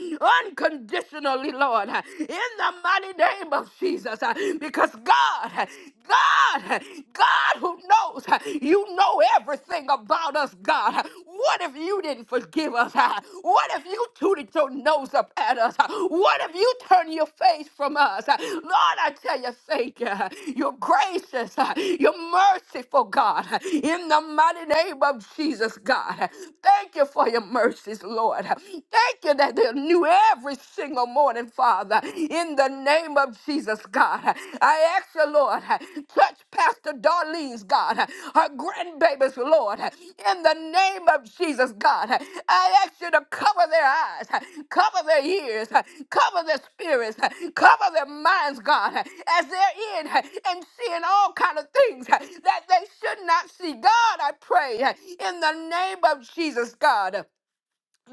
[SPEAKER 1] unconditionally, Lord, in the mighty name of Jesus. Because God, God, God who knows, you know everything about us, God. God? What if you didn't forgive us? huh? What if you tooted your nose up at us? huh? What if you turned your face from us? huh? Lord, I tell you, thank you. You're gracious. huh? You're merciful, God. huh? In the mighty name of Jesus, God. huh? Thank you for your mercies, Lord. huh? Thank you that they're new every single morning, Father. In the name of Jesus, God. God. I ask you, Lord, touch Pastor Darlene's God, her grandbabies, Lord, in the name of Jesus, God. I ask you to cover their eyes, cover their ears, cover their spirits, cover their minds, God, as they're in and seeing all kind of things that they should not see. God, I pray in the name of Jesus, God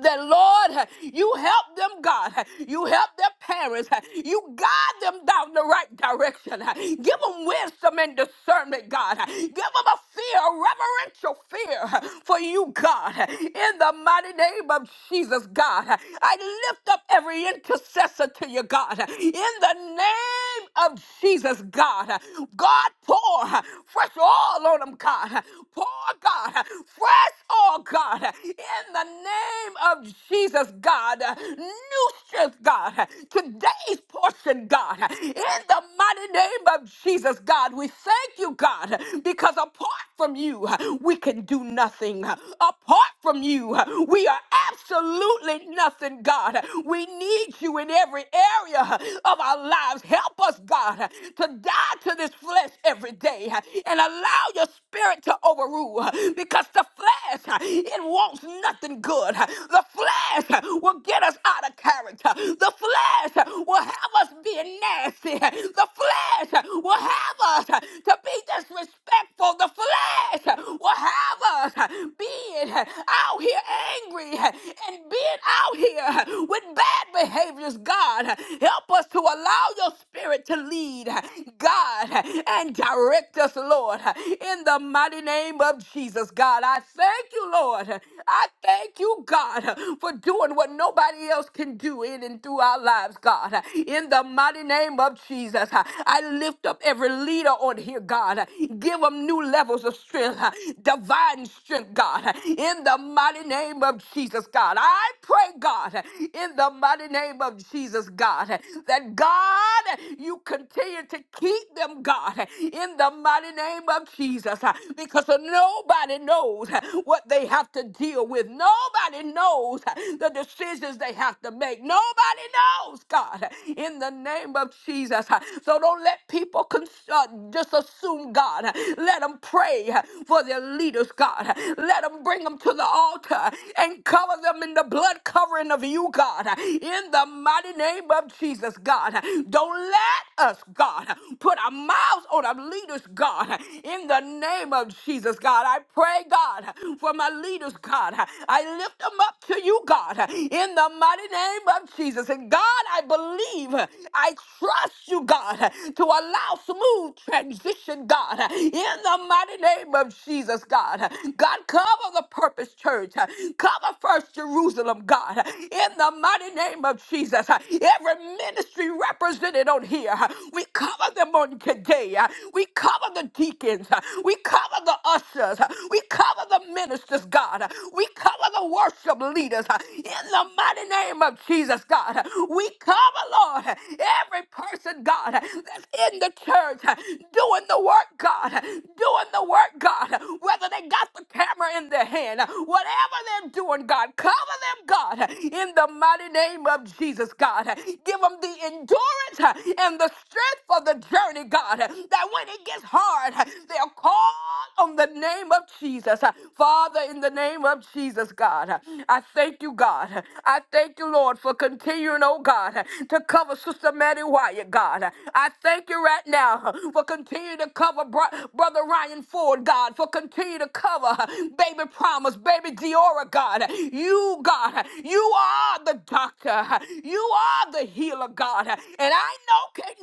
[SPEAKER 1] that Lord, you help them, God. You help their parents. You guide them down the right direction. Give them wisdom and discernment, God. Give them a fear, a reverential fear for you, God. In the mighty name of Jesus, God, I lift up every intercessor to you, God. In the name of Jesus, God. God, pour fresh oil on them, God. Pour, God, fresh oil, God in the name of Jesus, God. New strength, God. Today's portion, God. In the mighty name of Jesus, God, we thank you, God, because apart from you, we can do nothing. Apart from you, we are absolutely nothing, God. We need you in every area of our lives. Help us, God, to die to this flesh every day and allow your spirit to overrule because the flesh flesh, it wants nothing good. The flesh will get us out of character. The flesh will have us being nasty. The flesh will have us to be disrespectful. The flesh will have us being out here angry and being out here with bad behaviors. God, help us to allow your spirit to lead, God, and direct us, Lord, in the mighty name of Jesus, God. I thank you, Lord. I thank you, God, for doing what nobody else can do in and through our lives, God. In the mighty name of Jesus, I lift up every leader on here, God. Give them new levels of strength, divine strength, God. In the mighty name of Jesus, God. I pray, God, in the mighty name of Jesus, God, that God, you continue to keep them, God, in the mighty name of Jesus. Jesus uh, because nobody knows uh, what they have to deal with. Nobody knows uh, the decisions they have to make. Nobody knows, God, uh, in the name of Jesus. uh, So don't let people con- uh, just assume, God. uh, Let them pray uh, for their leaders, God. uh, Let them bring them to the altar uh, and cover them in the blood covering of you, God, uh, in the mighty name of Jesus, God. uh, Don't let us, God, uh, put our mouths on our leaders, God, in the name of Jesus, God. I pray, God, for my leaders, God. I lift them up to you, God, in the mighty name of Jesus. And God, I believe, I trust you, God, to allow smooth transition, God, in the mighty name of Jesus, God. God, cover the purpose church, cover first Jerusalem, God, in the mighty name of Jesus. Every ministry represented on here, we cover them on today today. uh, We cover the deacons. uh, We cover the ushers. uh, We cover the ministers, God. uh, We cover the worship leaders. uh, In the mighty name of Jesus, God. uh, We cover, Lord, uh, every person, God, uh, that's in the church uh, doing the work, God. uh, Doing the work, God. uh, Whether they got the camera in their hand, uh, whatever they're doing, God. Cover them, God, uh, in the mighty name of Jesus, God. uh, Give them the endurance uh, and the strength strength for the journey, God, that when it gets hard, they'll call on the name of Jesus. Father, in the name of Jesus, God, I thank you, God. I thank you, Lord, for continuing, oh God, to cover Sister Maddie Wyatt, God. I thank you right now for continuing to cover Bro- Brother Ryan Ford, God, for continuing to cover Baby Promise, Baby Diora, God. You, God, you are the doctor. You are the healer, God. And and I know can't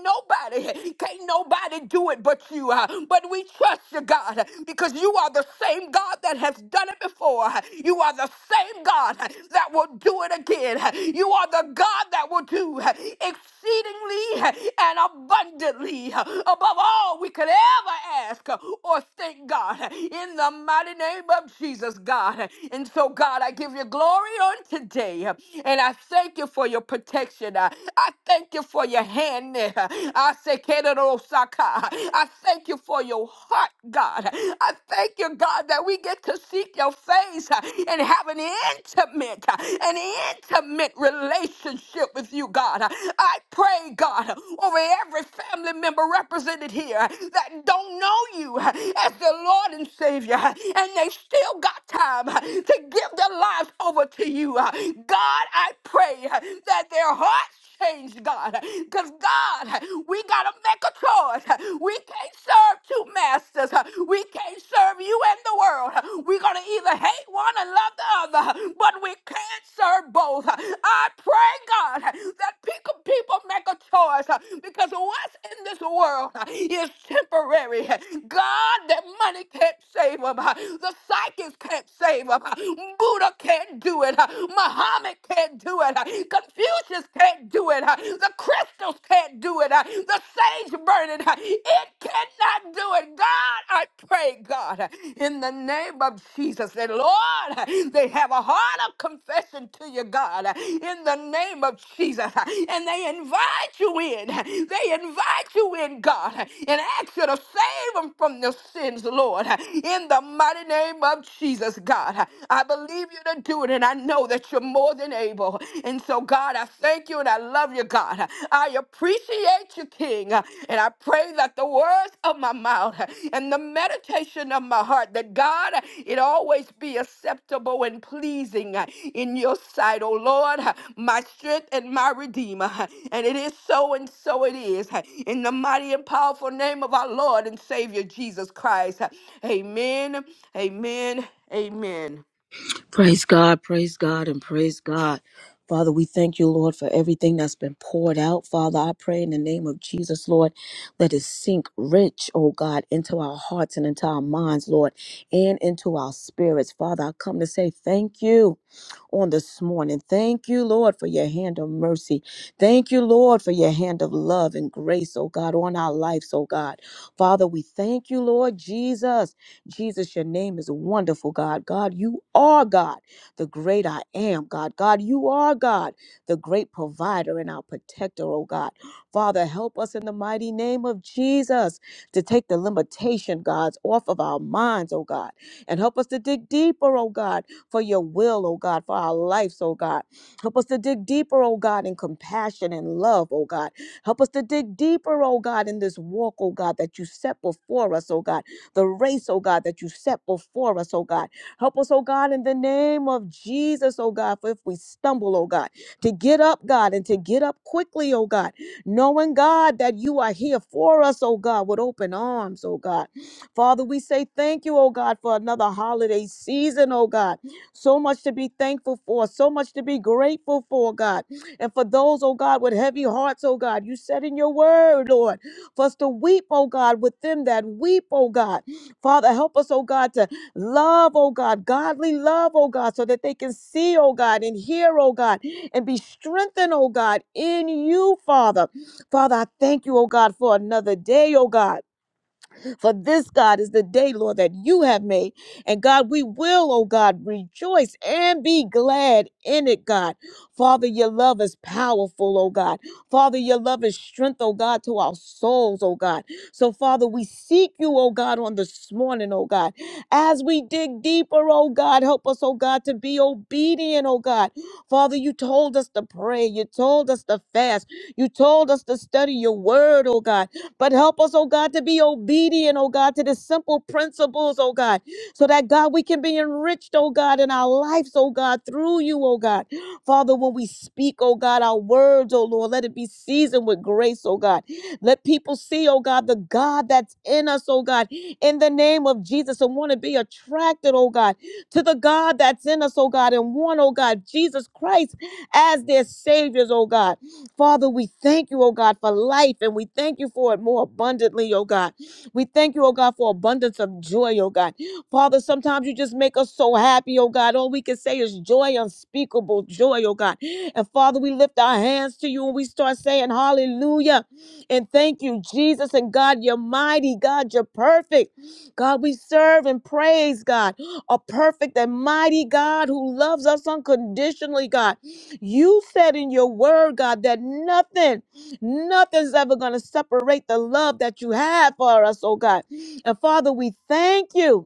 [SPEAKER 1] nobody, can't nobody do it but you. uh, But we trust you, God, because you are the same God that has done it before. You are the same God that will do it again. You are the God that will do exceedingly and abundantly above all we could ever ask or think, God, in the mighty name of Jesus, God. And so, God, I give you glory on today. And I thank you for your protection. Uh, I thank you for your hand there. I say, Kedarosaka. I thank you for your heart, God. I thank you, God, that we get to seek your face uh, and have an intimate, uh, an intimate relationship with you, God. I pray, God, over every family member represented here that don't know you as their Lord and Savior, and they still got time to give their lives over to you. God, I pray that their hearts change, God. Because, God, we got to make a choice. We can't serve two masters. We can't serve you and the world. We're going to either hate one and love the other, but we can't serve both. I pray, God, that people, people make a choice because what's in this world is temporary. God, that money can't save them. The psychics can't save them. Buddha can't do it. Muhammad Muhammad can't do it. Confucius can't do it. The crystals can't do it. The sage burning, it cannot do it. God, I pray, God, in the name of Jesus, that Lord, they have a heart of confession to you, God, in the name of Jesus. And they invite you in. They invite you in, God, and ask you to save them from their sins, Lord, in the mighty name of Jesus, God. I believe you to do it do it, and I know that you're more than able. And so, God, I thank you and I love you, God. I appreciate you, King. And I pray that the words of my mouth and the meditation of my heart, that God, it always be acceptable and pleasing in your sight, oh Lord, my strength and my redeemer. And it is so, and so it is. In the mighty and powerful name of our Lord and Savior Jesus Christ. Amen. Amen. Amen.
[SPEAKER 2] Praise God, praise God, and praise God. Father, we thank you, Lord, for everything that's been poured out. Father, I pray in the name of Jesus, Lord, let it sink rich, oh God, into our hearts and into our minds, Lord, and into our spirits. Father, I come to say thank you on this morning. Thank you, Lord, for your hand of mercy. Thank you, Lord, for your hand of love and grace, oh God, on our lives, oh God. Father, we thank you, Lord Jesus. Jesus, your name is wonderful, God. God, you are God, the great I am, God. God, you are God, the great provider and our protector, oh God. Father, help us in the mighty name of Jesus to take the limitation, God's off of our minds, oh God, and help us to dig deeper, oh God, for your will, oh God, for our lives, oh God. Help us to dig deeper, oh God, in compassion and love, oh God. Help us to dig deeper, oh God, in this walk, oh God, that you set before us, oh God the race, oh God, that you set before us, oh God. Help us, oh God, in the name of Jesus, oh God, for if we stumble, oh God, to get up, God, and to get up quickly, oh God, knowing, God, that you are here for us, oh God, with open arms, oh God. Father, we say thank you, oh God, for another holiday season, oh God. So much to be thankful for, so much to be grateful for, God. And for those, oh God, with heavy hearts, oh God, you said in your word, Lord, for us to weep, oh God, with them that weep, oh God. Father, help us, oh God, to love, oh God, godly love, oh God, so that they can see, oh God, and hear, oh God, and be strengthened, oh God, in you, Father. Father, I thank you, oh God, for another day, oh God. For this, God, is the day, Lord, that you have made. And God, we will, oh God, rejoice and be glad in it, God. Father, your love is powerful, oh God. Father, your love is strength, oh God, to our souls, oh God. So, Father, we seek you, oh God, on this morning, oh God. As we dig deeper, oh God, help us, oh God, to be obedient, oh God. Father, you told us to pray. You told us to fast. You told us to study your word, oh God. But help us, oh God, to be obedient, oh God, to the simple principles, oh God, so that, God, we can be enriched, oh God, in our lives, oh God, through you, oh God. Father, when we speak, oh God, our words, oh Lord, let it be seasoned with grace, oh God. Let people see, oh God, the God that's in us, oh God, in the name of Jesus, and want to be attracted, oh God, to the God that's in us, oh God, and want, oh God, Jesus Christ as their saviors, oh God. Father, we thank you, oh God, for life and we thank you for it more abundantly, oh God. We thank you, oh God, for abundance of joy, oh God. Father, sometimes you just make us so happy, oh God. All we can say is joy, unspeakable joy, oh God. And Father, we lift our hands to you and we start saying hallelujah and thank you, Jesus. And God, you're mighty. God, you're perfect. God, we serve and praise God, a perfect and mighty God who loves us unconditionally, God. You said in your word, God, that nothing, nothing's ever going to separate the love that you have for us, oh God. And Father, we thank you.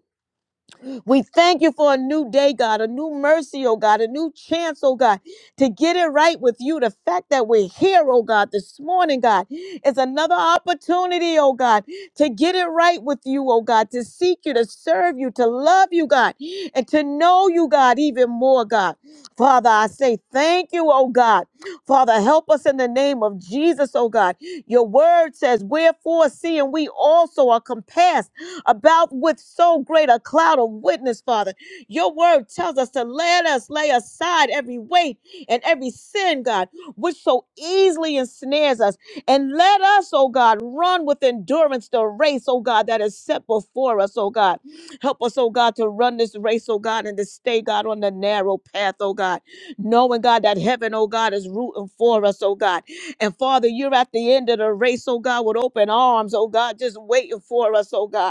[SPEAKER 2] We thank you for a new day, God, a new mercy, oh God, a new chance, oh God, to get it right with you. The fact that we're here, oh God, this morning, God, is another opportunity, oh God, to get it right with you, oh God, to seek you, to serve you, to love you, God, and to know you, God, even more, God. Father, I say thank you, oh God. Father, help us in the name of Jesus, oh God. Your word says, Wherefore, seeing we also are compassed about with so great a cloud of witness, Father. Your word tells us to let us lay aside every weight and every sin, God, which so easily ensnares us. And let us, oh God, run with endurance the race, oh God, that is set before us, oh God. Help us, oh God, to run this race, oh God, and to stay, God, on the narrow path, oh God. Knowing, God, that heaven, oh God, is rooting for us, oh God. And Father, you're at the end of the race, oh God, with open arms, oh God, just waiting for us, oh God.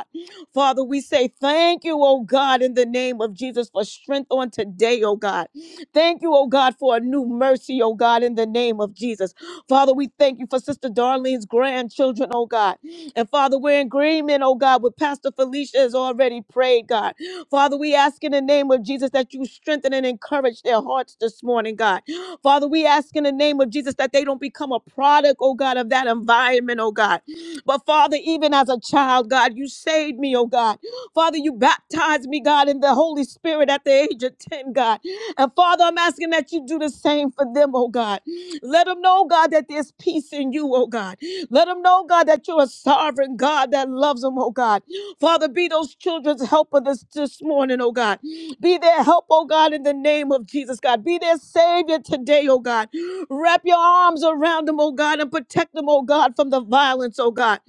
[SPEAKER 2] Father, we say thank you, oh God, in the name of Jesus for strength on today, oh God. Thank you, oh God, for a new mercy, oh God, in the name of Jesus. Father, we thank you for Sister Darlene's grandchildren, oh God. And Father, we're in agreement, oh God, with Pastor Felicia has already prayed, God. Father, we ask in the name of Jesus that you strengthen and encourage their hearts this morning, God. Father, we ask in the name of Jesus that they don't become a product, oh God, of that environment, oh God. But Father, even as a child, God, you saved me, oh God. Father, you baptized me, God, in the Holy Spirit at the age of 10, God. And Father, I'm asking that you do the same for them, oh God. Let them know, God, that there's peace in you, oh God. Let them know, God, that you're a sovereign God that loves them, oh God. Father, be those children's helper this, this morning, oh God. Be their help, oh God, in the name of Jesus, God. Be their savior today, oh God. Wrap your arms around them, oh God, and protect them, oh God, from the violence, oh God.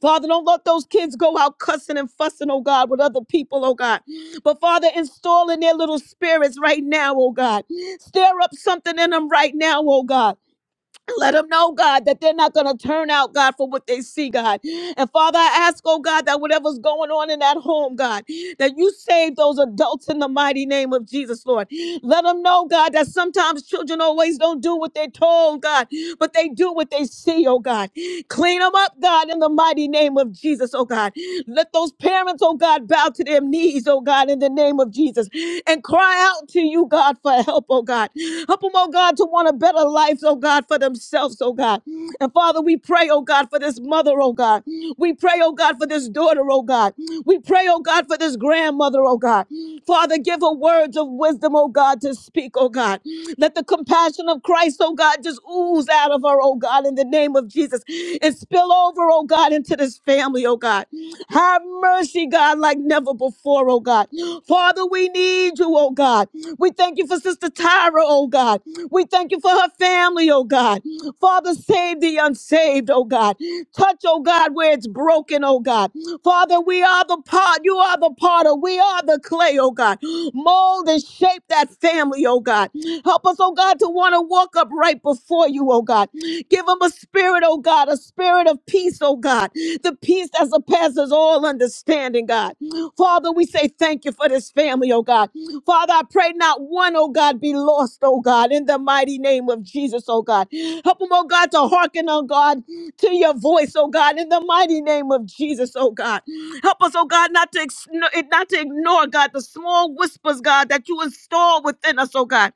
[SPEAKER 2] Father, don't let those kids go out cussing and fussing, oh God, with other people, oh God. But Father, install in their little spirits right now, oh God. Stir up something in them right now, oh God. Let them know, God, that they're not going to turn out, God, for what they see, God. And Father, I ask, oh God, that whatever's going on in that home, God, that you save those adults in the mighty name of Jesus, Lord. Let them know, God, that sometimes children always don't do what they're told, God, but they do what they see, oh God. Clean them up, God, in the mighty name of Jesus, oh God. Let those parents, oh God, bow to their knees, oh God, in the name of Jesus, and cry cry out to you, God, for help, oh God. Help them, oh God, to want a better life, oh God, for themselves, oh God. And Father, we pray, oh God, for this mother, oh God. We pray, oh God, for this daughter, oh God. We pray, oh God, for this grandmother, oh God. Father, give her words of wisdom, oh God, to speak, oh God. Let the compassion of Christ, oh God, just ooze out of her, oh God, in the name of Jesus and spill over, oh God, into this family, oh God. Have mercy, God, like never before, oh God. Father, we need you, oh God. We thank you for Sister Tyra, oh God. We thank you for her family, oh God. Father, save the unsaved, oh God. Touch, oh God, where it's broken, oh God. Father, we are the pot. You are the potter. We are the clay, oh God. Mold and shape that family, oh God. Help us, oh God, to want to walk up right before you, oh God. Give them a spirit, oh God, a spirit of peace, oh God. The peace as surpasses all understanding, God. Father, we say thank you for this family, oh God. Father, I pray not one, oh God, be lost, oh God, in the mighty name of Jesus, oh God. Help them, oh God, to hearken, oh God, to your voice, oh God, in the mighty name of Jesus, oh God. Help us, oh God, not to ex- not to ignore, God, the small whispers, God, that you install within us, oh God.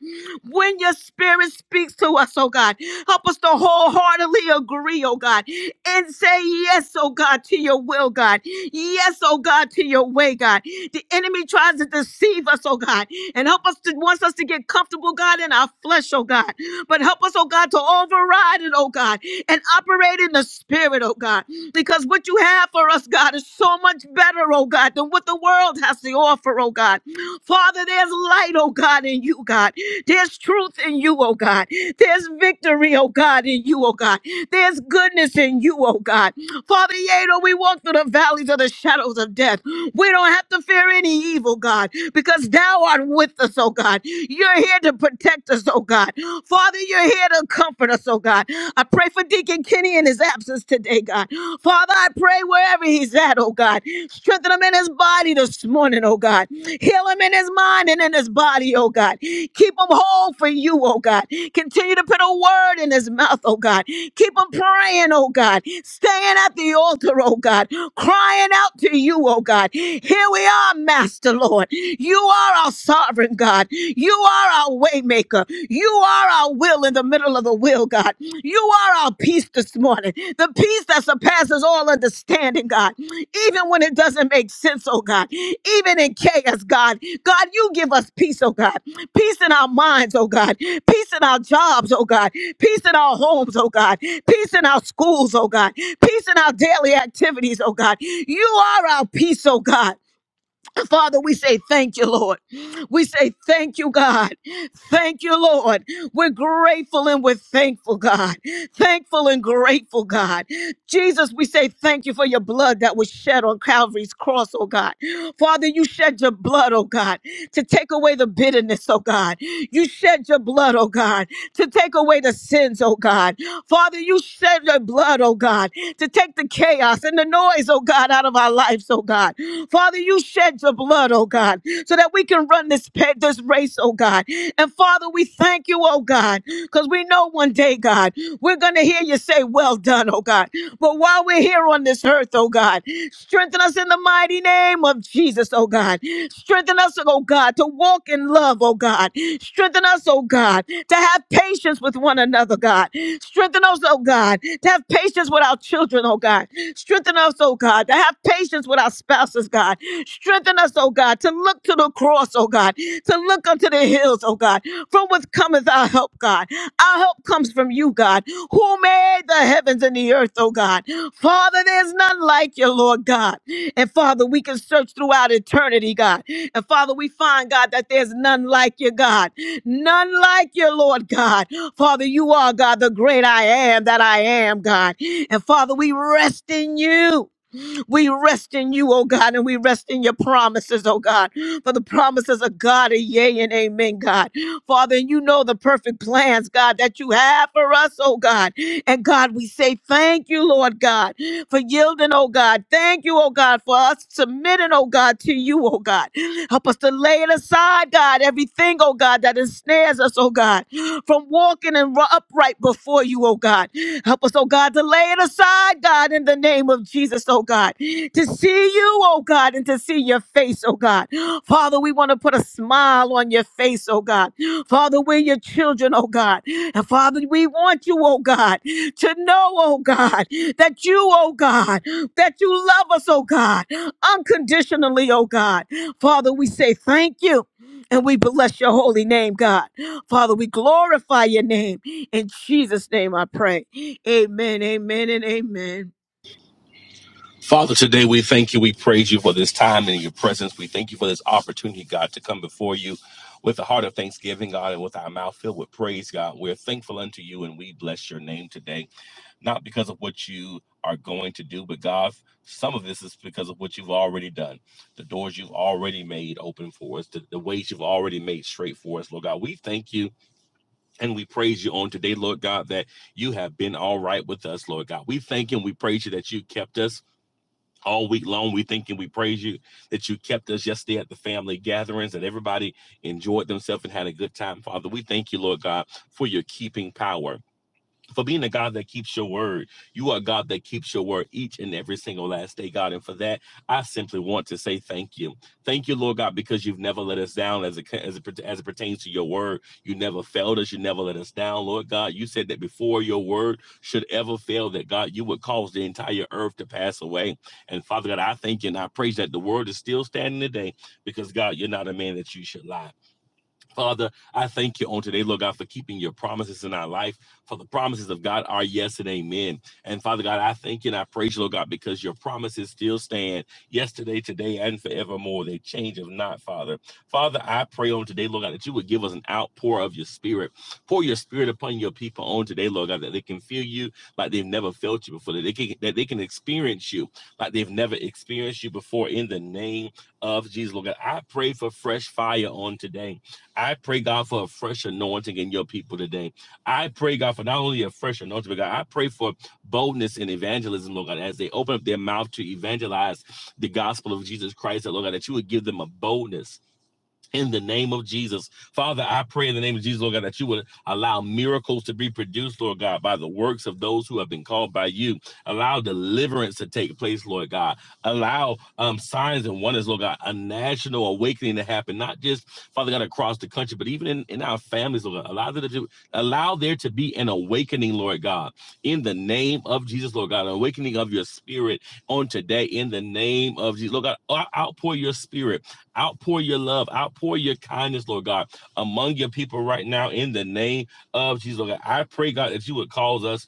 [SPEAKER 2] When your spirit speaks to us, oh God, help us to wholeheartedly agree, oh God, and say yes, oh God, to your will, God. Yes, oh God, to your way, God. The enemy tries to deceive us, oh God, and help us to wants us to get comfortable, God, in our flesh, oh God. But help us, oh God, to override it, oh God, and operate in the spirit, oh God. Because what you have for us, God, is so much better, oh God, than what the world has to offer, oh God. Father, there's light, oh God, in you, God. There's truth in you, oh God. There's victory, oh God, in you, oh God. There's goodness in you, oh God. Father, Father, Yea, though we walk through the valleys of the shadows of death. We don't have to fear any evil, God, because thou art with us, oh God. You're here to protect us, oh God. Father, you're here to comfort us, oh God. I pray for Deacon Kenny in his absence today, God. Father, I pray wherever he's at, oh God. Strengthen him in his body this morning, oh God. Heal him in his mind and in his body, oh God. Keep him whole for you, oh God. Continue to put a word in his mouth, oh God. Keep him praying, oh God. Staying crying at the altar, oh God, crying out to you, oh God. Here we are, Master Lord. You are our sovereign God. You are our waymaker. You are our will in the middle of the will, God. You are our peace this morning. The peace that surpasses all understanding, God. Even when it doesn't make sense, oh God. Even in chaos, God. God, you give us peace, oh God. Peace in our minds, oh God. Peace in our jobs, oh God. Peace in our homes, oh God. Peace in our schools, oh God. Peace in our daily activities, oh God. You are our peace, oh God. Father, we say thank you, Lord. We say thank you, God. Thank you, Lord. We're grateful and we're thankful, God. Thankful and grateful, God. Jesus, we say thank you for your blood that was shed on Calvary's cross, oh God. Father, you shed your blood, oh God, to take away the bitterness, oh God. You shed your blood, oh God, to take away the sins, oh God. Father, you shed your blood, oh God, to take the chaos and the noise, oh God, out of our lives, oh God. Father, you shed your blood, oh God, so that we can run this pa- this race, oh God. And Father, we thank you, oh God, because we know one day, God, we're gonna hear you say, Well done, oh God. But while we're here on this earth, oh God, strengthen us in the mighty name of Jesus, oh God. Strengthen us, oh God, to walk in love, oh God. Strengthen us, oh God. God, to have patience with one another, God. Strengthen us, oh God, to have patience with our children, oh God. Strengthen us, oh God, to have patience with our spouses, God. Strengthen us, oh God, to look to the cross, oh God, to look unto the hills, oh God, from whence cometh our help, God. Our help comes from you, God, who made the heavens and the earth, oh God. Father, there's none like you, Lord God. And Father, we can search throughout eternity, God. And Father, we find, God, that there's none like you, God. None like you, Lord God. Father, you are God, the great I am that I am, God. And Father, we rest in you. We rest in you, oh God, and we rest in your promises, oh God. For the promises of God are yea and amen, God. Father, and you know the perfect plans, God, that you have for us, oh God. And God, we say thank you, Lord God, for yielding, oh God. Thank you, oh God, for us submitting, oh God, to you, oh God. Help us to lay it aside, God, everything, oh God, that ensnares us, oh God, from walking and ru- upright before you, oh God. Help us, oh God, to lay it aside, God, in the name of Jesus, oh God, to see you, oh God, and to see your face, oh God. Father, we want to put a smile on your face, oh God. Father, we're your children, oh God. And Father, we want you, oh God, to know, oh God, that you, oh God, that you love us, oh God, unconditionally, oh God. Father, we say thank you and we bless your holy name, God. Father, we glorify your name. In Jesus' name I pray. Amen, amen, and amen.
[SPEAKER 3] Father, today we thank you. We praise you for this time and your presence. We thank you for this opportunity, God, to come before you with a heart of thanksgiving, God, and with our mouth filled with praise, God. We're thankful unto you and we bless your name today, not because of what you are going to do, but God, some of this is because of what you've already done, the doors you've already made open for us, the, the ways you've already made straight for us, Lord God. We thank you and we praise you on today, Lord God, that you have been all right with us, Lord God. We thank you and we praise you that you kept us all week long. We thank and we praise you that you kept us yesterday at the family gatherings and everybody enjoyed themselves and had a good time, Father. We thank you, Lord God, for your keeping power for being a God that keeps your word. You are a God that keeps your word each and every single last day, God. And for that, I simply want to say thank you. Thank you, Lord God, because you've never let us down as it, as it, as it pertains to your word. You never failed us. You never let us down, Lord God. You said that before your word should ever fail, that God, you would cause the entire earth to pass away. And Father God, I thank you and I praise that the word is still standing today because, God, you're not a man that you should lie. Father, I thank you on today, Lord God, for keeping your promises in our life. For the promises of God are yes and amen. And Father God, I thank you and I praise you, Lord God, because your promises still stand yesterday, today, and forevermore. They change if not, Father. Father, I pray on today, Lord God, that you would give us an outpour of your spirit. Pour your spirit upon your people on today, Lord God, that they can feel you like they've never felt you before, that they can, that they can experience you like they've never experienced you before in the name of Jesus, Lord God. I pray for fresh fire on today. I pray, God, for a fresh anointing in your people today. I pray, God, for not only a fresh anointing, but God, I pray for boldness in evangelism, Lord God, as they open up their mouth to evangelize the gospel of Jesus Christ, that, Lord God, that you would give them a boldness in the name of Jesus. Father, I pray in the name of Jesus, Lord God, that you would allow miracles to be produced, Lord God, by the works of those who have been called by you. Allow deliverance to take place, Lord God. Allow um, signs and wonders, Lord God, a national awakening to happen, not just, Father God, across the country, but even in, in our families, Lord God. Allow there, to, allow there to be an awakening, Lord God, in the name of Jesus, Lord God, an awakening of your spirit on today in the name of Jesus. Lord God, outpour your spirit Outpour your love, outpour your kindness, Lord God, among your people right now in the name of Jesus. Lord God. I pray, God, that you would cause us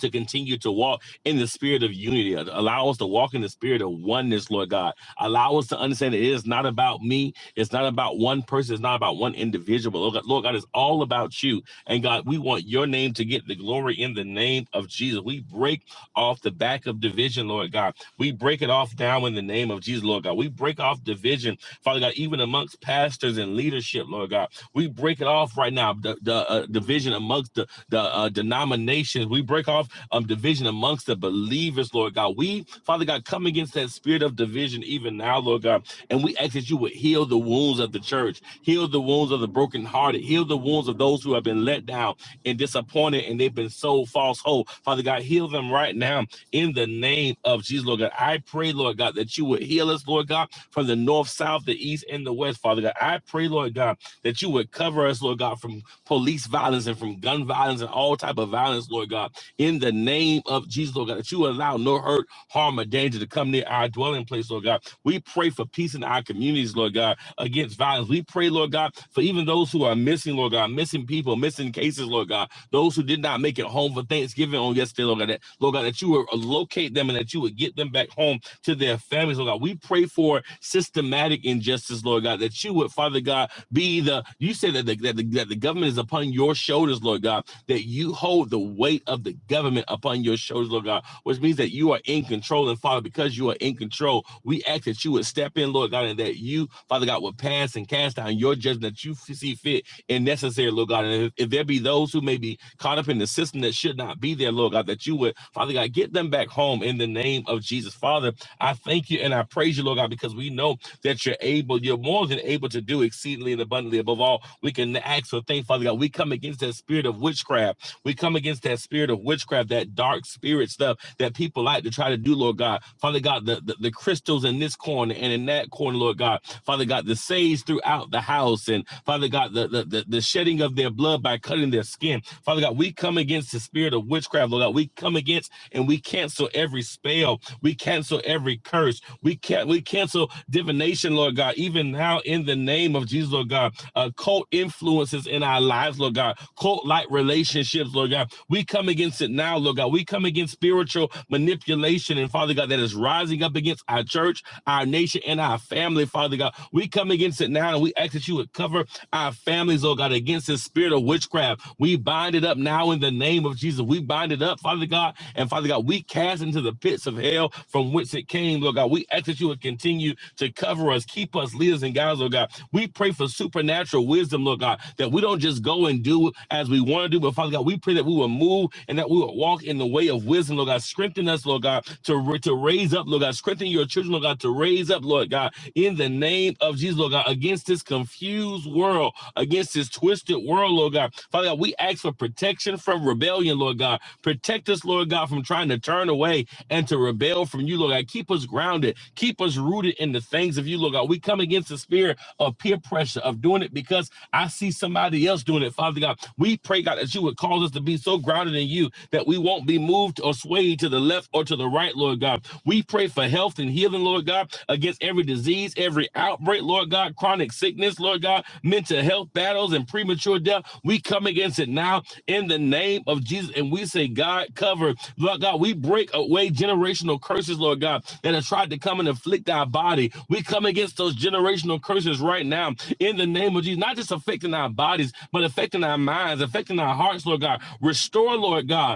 [SPEAKER 3] to continue to walk in the spirit of unity. Allow us to walk in the spirit of oneness, Lord God. Allow us to understand it is not about me. It's not about one person. It's not about one individual. Lord God, Lord God, it's all about you. And God, we want your name to get the glory in the name of Jesus. We break off the back of division, Lord God. We break it off now in the name of Jesus, Lord God. We break off division, Father God, even amongst pastors and leadership, Lord God. We break it off right now. The, the uh, division amongst the, the uh, denominations. We break off um, division amongst the believers, Lord God. We, Father God, come against that spirit of division even now, Lord God. And we ask that you would heal the wounds of the church, heal the wounds of the brokenhearted, heal the wounds of those who have been let down and disappointed and they've been sold false hope. Father God, heal them right now in the name of Jesus, Lord God. I pray, Lord God, that you would heal us, Lord God, from the north, south, the east, and the west, Father God. I pray, Lord God, that you would cover us, Lord God, from police violence and from gun violence and all type of violence, Lord God, in the name of Jesus, Lord God, that you allow no hurt, harm, or danger to come near our dwelling place, Lord God. We pray for peace in our communities, Lord God, against violence. We pray, Lord God, for even those who are missing, Lord God, missing people, missing cases, Lord God, those who did not make it home for Thanksgiving on yesterday, Lord God, that, Lord God, that you would locate them and that you would get them back home to their families, Lord God. We pray for systematic injustice, Lord God, that you would, Father God, be the you said that the, that the that the government is upon your shoulders, Lord God, that you hold the weight of the government upon your shoulders, Lord God, which means that you are in control. And Father, because you are in control, we ask that you would step in, Lord God, and that you, Father God, would pass and cast down your judgment that you see fit and necessary, Lord God. And if, if there be those who may be caught up in the system that should not be there, Lord God, that you would, Father God, get them back home in the name of Jesus. Father, I thank you and I praise you, Lord God, because we know that you're able, you're more than able to do exceedingly and abundantly. Above all, we can ask for things, Father God. We come against that spirit of witchcraft. We come against that spirit of witchcraft, that dark spirit stuff that people like to try to do, Lord God. Father God, the, the, the crystals in this corner and in that corner, Lord God. Father God, the sage throughout the house and Father God, the, the, the, the shedding of their blood by cutting their skin. Father God, we come against the spirit of witchcraft, Lord God. We come against and we cancel every spell. We cancel every curse. We can we cancel divination, Lord God. Even now, in the name of Jesus, Lord God, uh, cult influences in our lives, Lord God, cult like relationships, Lord God. We come against it now, Lord God. We come against spiritual manipulation and Father God that is rising up against our church, our nation, and our family, Father God. We come against it now and we ask that you would cover our families, Lord God, against this spirit of witchcraft have. We bind it up now in the name of Jesus. We bind it up, Father God. And Father God, we cast into the pits of hell from which it came, Lord God. We ask that you would continue to cover us, keep us, lead us, and guide us, Lord God. We pray for supernatural wisdom, Lord God, that we don't just go and do as we want to do, but Father God, we pray that we will move and that we will walk in the way of wisdom, Lord God. Strengthen us, Lord God, to, to raise up, Lord God. Strengthen your children, Lord God, to raise up, Lord God, in the name of Jesus, Lord God against this confused world, against this twisted world, Lord God. Father God, we ask for protection from rebellion, Lord God. Protect us, Lord God, from trying to turn away and to rebel from you, Lord God. Keep us grounded. Keep us rooted in the things of you, Lord God. We come against the spirit of peer pressure, of doing it because I see somebody else doing it, Father God. We pray, God, that you would cause us to be so grounded in you that we won't be moved or swayed to the left or to the right, Lord God. We pray, pray for health and healing, Lord God, against every disease, every outbreak, Lord God, chronic sickness, Lord God, mental health battles and premature death. We come against it now in the name of Jesus. And we say, God, cover, Lord God, we break away generational curses, Lord God, that have tried to come and afflict our body. We come against those generational curses right now in the name of Jesus, not just affecting our bodies, but affecting our minds, affecting our hearts, Lord God. Restore, Lord God.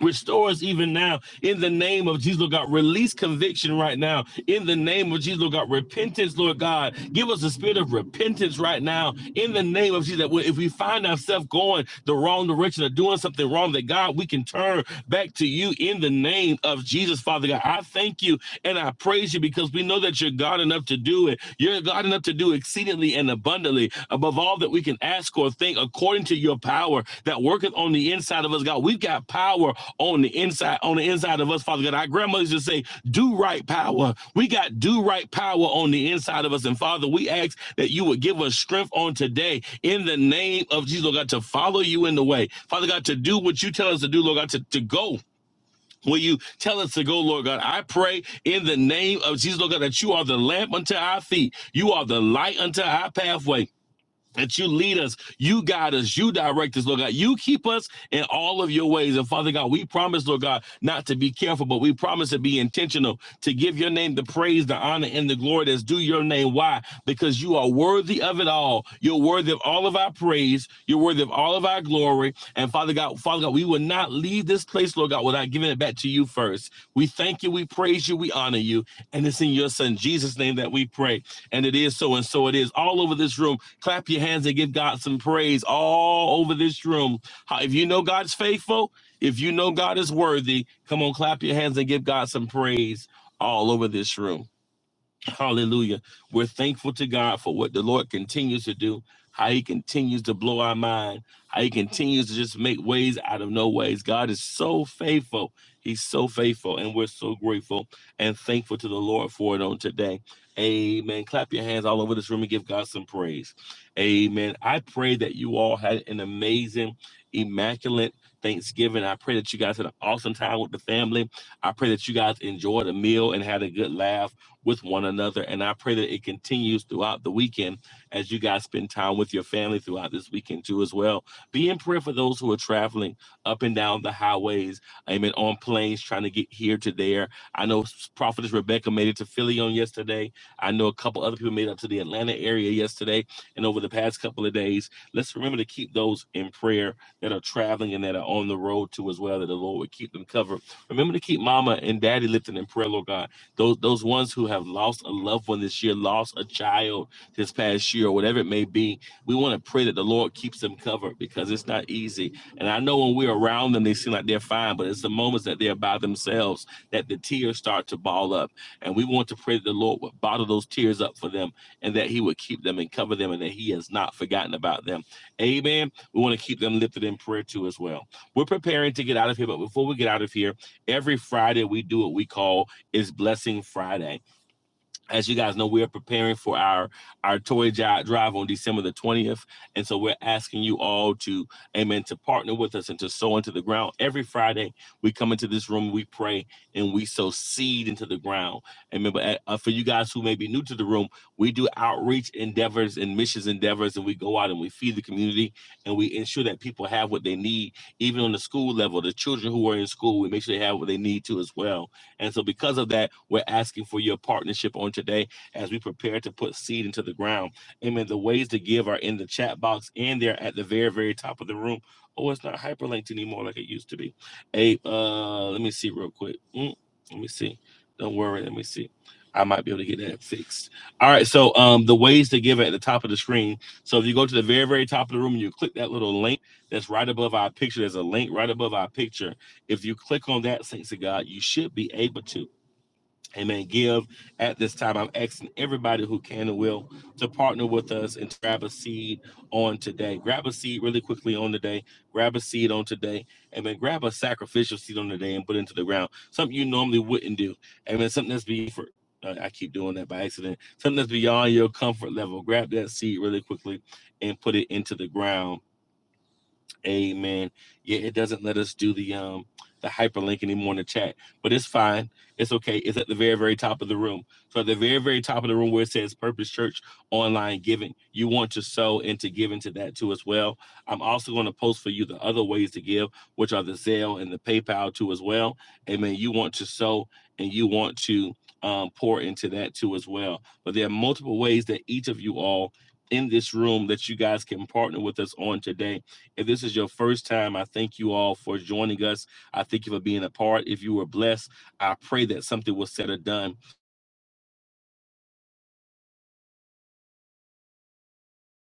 [SPEAKER 3] Restore us even now in the name of Jesus, Lord God. Release conviction right now in the name of Jesus, Lord God. Repentance, Lord God. Give us a spirit of repentance right now in the name of Jesus. That if we find ourselves going the wrong direction or doing something wrong, that God, we can turn back to you in the name of Jesus, Father God. I thank you and I praise you because we know that you're God enough to do it. You're God enough to do exceedingly and abundantly above all that we can ask or think, according to your power that worketh on the inside of us, God. We've got power on the inside, on the inside of us, Father God. Our grandmothers used to say, do right power. We got do right power on the inside of us. And Father, we ask that you would give us strength on today in the name of Jesus, Lord God, to follow you in the way. Father God, to do what you tell us to do, Lord God, to, to go Will you tell us to go, Lord God? I pray in the name of Jesus, Lord God, that you are the lamp unto our feet. You are the light unto our pathway. That you lead us, you guide us, you direct us, Lord God. You keep us in all of your ways. And Father God, we promise, Lord God, not to be careful, but we promise to be intentional, to give your name the praise, the honor, and the glory that's due your name. Why? Because you are worthy of it all. You're worthy of all of our praise. You're worthy of all of our glory. And Father God, Father God, we will not leave this place, Lord God, without giving it back to you first. We thank you, we praise you, we honor you. And it's in your son Jesus' name that we pray. And it is so, and so it is. All over this room, clap your hands and give God some praise all over this room. If you know God's faithful, if you know God is worthy, come on, clap your hands and give God some praise all over this room. Hallelujah. We're thankful to God for what the Lord continues to do, how he continues to blow our mind, how he continues to just make ways out of no ways. God is so faithful. He's so faithful, and we're so grateful and thankful to the Lord for it on today. Amen. Clap your hands all over this room and give God some praise. Amen. I pray that you all had an amazing, immaculate Thanksgiving. I pray that you guys had an awesome time with the family. I pray that you guys enjoyed a meal and had a good laugh with one another. And I pray that it continues throughout the weekend as you guys spend time with your family throughout this weekend too, as well. Be in prayer for those who are traveling up and down the highways, amen, on planes, trying to get here to there. I know Prophetess Rebecca made it to Philly on yesterday. I know a couple other people made it up to the Atlanta area yesterday and over the past couple of days. Let's remember to keep those in prayer that are traveling and that are on the road too, as well, that the Lord would keep them covered. Remember to keep mama and daddy lifted in prayer, Lord God those those ones who have lost a loved one this year, lost a child this past year, or whatever it may be, we want to pray that the Lord keeps them covered because it's not easy. And I know when we're around them, they seem like they're fine, but it's the moments that they're by themselves that the tears start to ball up. And we want to pray that the Lord would bottle those tears up for them and that He would keep them and cover them and that He has not forgotten about them. Amen. We want to keep them lifted in prayer too as well. We're preparing to get out of here, but before we get out of here, every Friday we do what we call is Blessing Friday. As you guys know, we are preparing for our our toy drive on December the 20th, and so we're asking you all to, amen, to partner with us and to sow into the ground. Every Friday, we come into this room, we pray, and we sow seed into the ground. Amen. But uh, for you guys who may be new to the room, we do outreach endeavors and missions endeavors, and we go out and we feed the community, and we ensure that people have what they need, even on the school level. The children who are in school, we make sure they have what they need to as well. And so, because of that, we're asking for your partnership on today as we prepare to put seed into the ground. Amen. The ways to give are in the chat box and they're at the very, very top of the room. Oh, it's not hyperlinked anymore like it used to be. Hey, uh, let me see real quick. Mm, let me see. Don't worry. Let me see. I might be able to get that fixed. All right. So, um, the ways to give at the top of the screen. So, if you go to the very, very top of the room and you click that little link that's right above our picture, there's a link right above our picture if you click on that, saints of God, you should be able to. Amen. Give at this time. I'm asking everybody who can and will to partner with us and grab a seed on today. Grab a seed really quickly on today. Grab a seed on today. Amen. Grab a sacrificial seed on today and put it into the ground. Something you normally wouldn't do. Amen. Something that's beyond for uh, I keep doing that by accident. Something that's beyond your comfort level. Grab that seed really quickly and put it into the ground Amen. Yeah, it doesn't let us do the um the hyperlink anymore in the chat, but it's fine. It's okay. It's at the very very top of the room. So at the very very top of the room where it says Purpose Church Online Giving, you want to sow and to give into that too as well. I'm also going to post for you the other ways to give, which are the Zelle and the PayPal too as well. Amen. You want to sow and you want to um, pour into that too as well. But there are multiple ways that each of you all in this room that you guys can partner with us on today if this is your first time, I thank you all for joining us. I thank you for being a part. If you were blessed, I pray that something was said or done.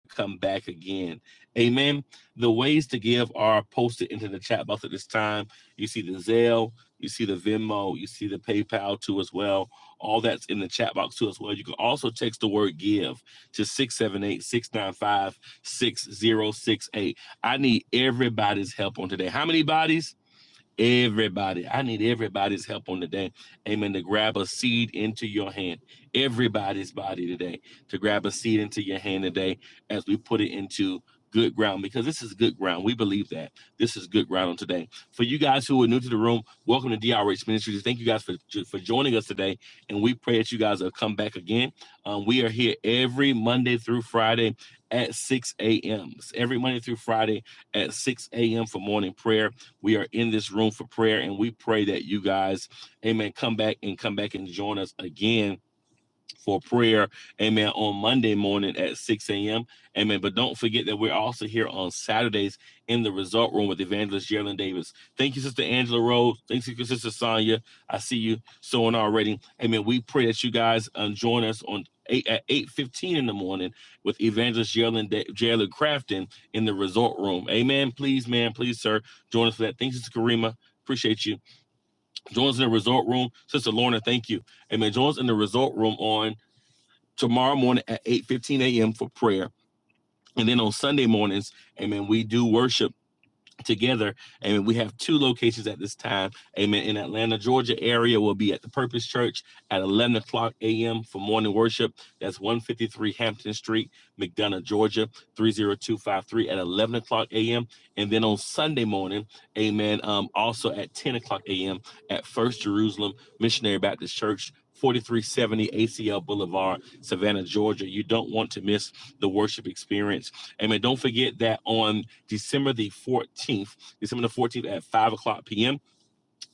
[SPEAKER 3] Come back again. Amen. The ways to give are posted into the chat box at this time. You see the Zelle, you see the Venmo, you see the PayPal too as well. All that's in the chat box too as well. You can also text the word give to 678 695 6068. I need everybody's help on today. How many bodies? Everybody, I need everybody's help on today. Amen. To grab a seed into your hand, everybody's body today, to grab a seed into your hand today as we put it into good ground because this is good ground. We believe that this is good ground on today. For you guys who are new to the room, welcome to DRH Ministries. Thank you guys for for joining us today, and we pray that you guys will come back again. Um, we are here every Monday through Friday at 6 a.m. Every Monday through Friday at 6 a.m. for morning prayer we are in this room for prayer, and we pray that you guys, amen, come back and come back and join us again for prayer, amen, on Monday morning at 6 a.m. Amen. But don't forget that we're also here on Saturdays in the result room with evangelist Geraldine Davis. Thank you, Sister Angela Rose. Thank you, Sister Sonia. I see you sowing already. Amen. We pray that you guys um, join us on eight at 8:15 in the morning with evangelist Geraldine Da- Geraldine Crafton in the resort room. Amen. Please, man, please, sir, join us for that. Thank you, Sister Karima. Appreciate you. Join us in the resort room. Sister Lorna, thank you. Amen. Join us in the resort room on tomorrow morning at 8 15 a.m. for prayer. And then on Sunday mornings, amen, we do worship together. Amen. We have two locations at this time. Amen. In Atlanta, Georgia area, we'll be at the Purpose Church at 11 o'clock a.m. for morning worship. That's 153 Hampton Street, McDonough, Georgia, 30253 at 11 o'clock a.m. And then on Sunday morning, amen, um, also at 10 o'clock a.m. at First Jerusalem Missionary Baptist Church. 4370 ACL Boulevard, Savannah, Georgia. You don't want to miss the worship experience. Amen. Don't forget that on December the 14th, December the 14th at 5 o'clock p.m.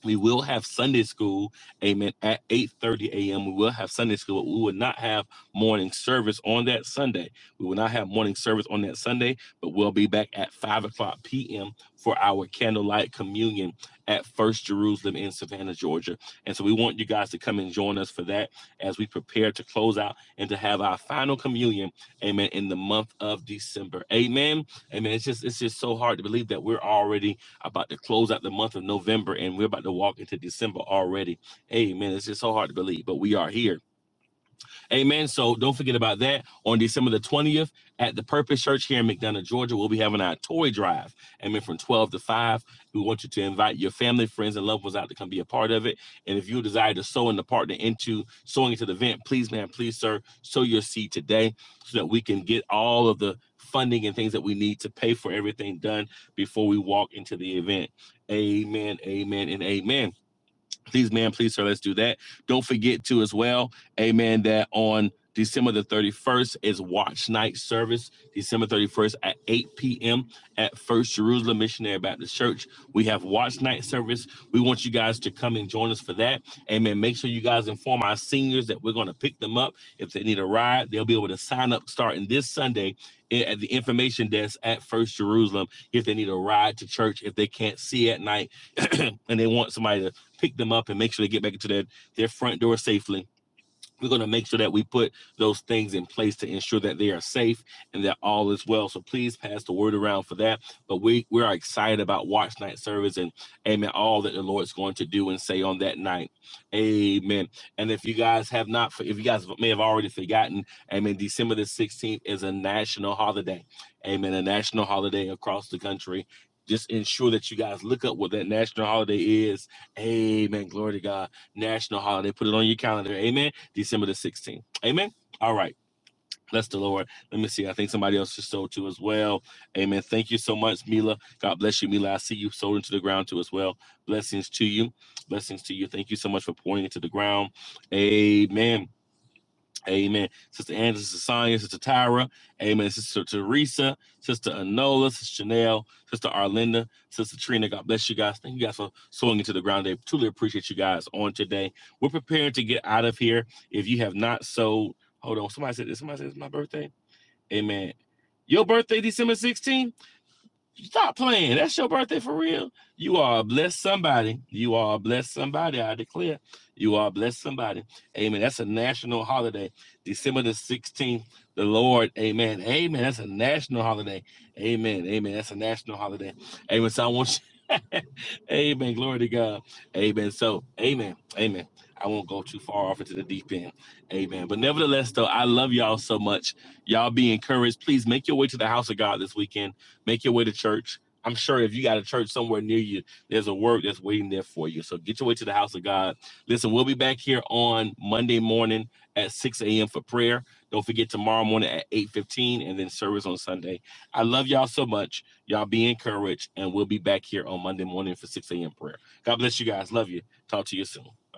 [SPEAKER 3] We will have Sunday school, amen, at 8:30 a.m. We will have Sunday school. but We will not have morning service on that Sunday. We will not have morning service on that Sunday, but we'll be back at 5 o'clock p.m. for our candlelight communion at First Jerusalem in Savannah, Georgia. And so we want you guys to come and join us for that as we prepare to close out and to have our final communion, amen, in the month of December. Amen. Amen. It's just it's just so hard to believe that we're already about to close out the month of November and we're about to walk into December already. Amen. It's just so hard to believe, but we are here. Amen. So don't forget about that. On December the 20th at the Purpose Church here in McDonough, Georgia, we'll be having our toy drive. Amen. From 12 to 5. We want you to invite your family, friends, and loved ones out to come be a part of it. And if you desire to sow and to partner into sowing into the event, please, man, please, sir, sow your seed today so that we can get all of the funding and things that we need to pay for everything done before we walk into the event. Amen. Amen. And amen please man please sir let's do that don't forget to as well amen that on december the 31st is watch night service december 31st at 8 p.m at first jerusalem missionary baptist church we have watch night service we want you guys to come and join us for that amen make sure you guys inform our seniors that we're going to pick them up if they need a ride they'll be able to sign up starting this sunday at the information desk at first jerusalem if they need a ride to church if they can't see at night and they want somebody to pick them up and make sure they get back into their, their front door safely we're going to make sure that we put those things in place to ensure that they are safe and that all is well. So please pass the word around for that. But we we are excited about Watch Night service and Amen. All that the Lord's going to do and say on that night, Amen. And if you guys have not, if you guys may have already forgotten, Amen. December the sixteenth is a national holiday, Amen. A national holiday across the country. Just ensure that you guys look up what that national holiday is. Amen. Glory to God. National holiday. Put it on your calendar. Amen December the 16th. Amen. All right. Bless the Lord. Let me see. I think somebody else just sold too as well. Amen. Thank you so much, Mila. God bless you, Mila. I see you sold into the ground too as well. Blessings to you. Blessings to you. Thank you so much for pouring into the ground. Amen. Amen. Sister Angela, Sister Sonia, Sister Tyra. Amen. Sister Teresa, Sister Anola, Sister Chanel, Sister Arlinda, Sister Trina. God bless you guys. Thank you guys for sowing into the ground day. Truly appreciate you guys on today. We're prepared to get out of here. If you have not sowed, hold on. Somebody said this. Somebody said it's my birthday. Amen. Your birthday, December 16th? Stop playing. That's your birthday for real. You are a blessed somebody. You are a blessed somebody. I declare. You are a blessed somebody. Amen. That's a national holiday. December the 16th, the Lord. Amen. Amen. That's a national holiday. Amen. Amen. That's a national holiday. Amen. So I want you. amen. Glory to God. Amen. So, amen. Amen. I won't go too far off into the deep end. Amen. But nevertheless, though, I love y'all so much. Y'all be encouraged. Please make your way to the house of God this weekend Make your way to church. I'm sure if you got a church somewhere near you, there's a word that's waiting there for you. So get your way to the house of God. Listen, we'll be back here on Monday morning at 6 a.m. for prayer. Don't forget tomorrow morning at 8:15 and then service on Sunday. I love y'all so much. Y'all be encouraged, and we'll be back here on Monday morning for 6 a.m. prayer. God bless you guys. Love you. Talk to you soon.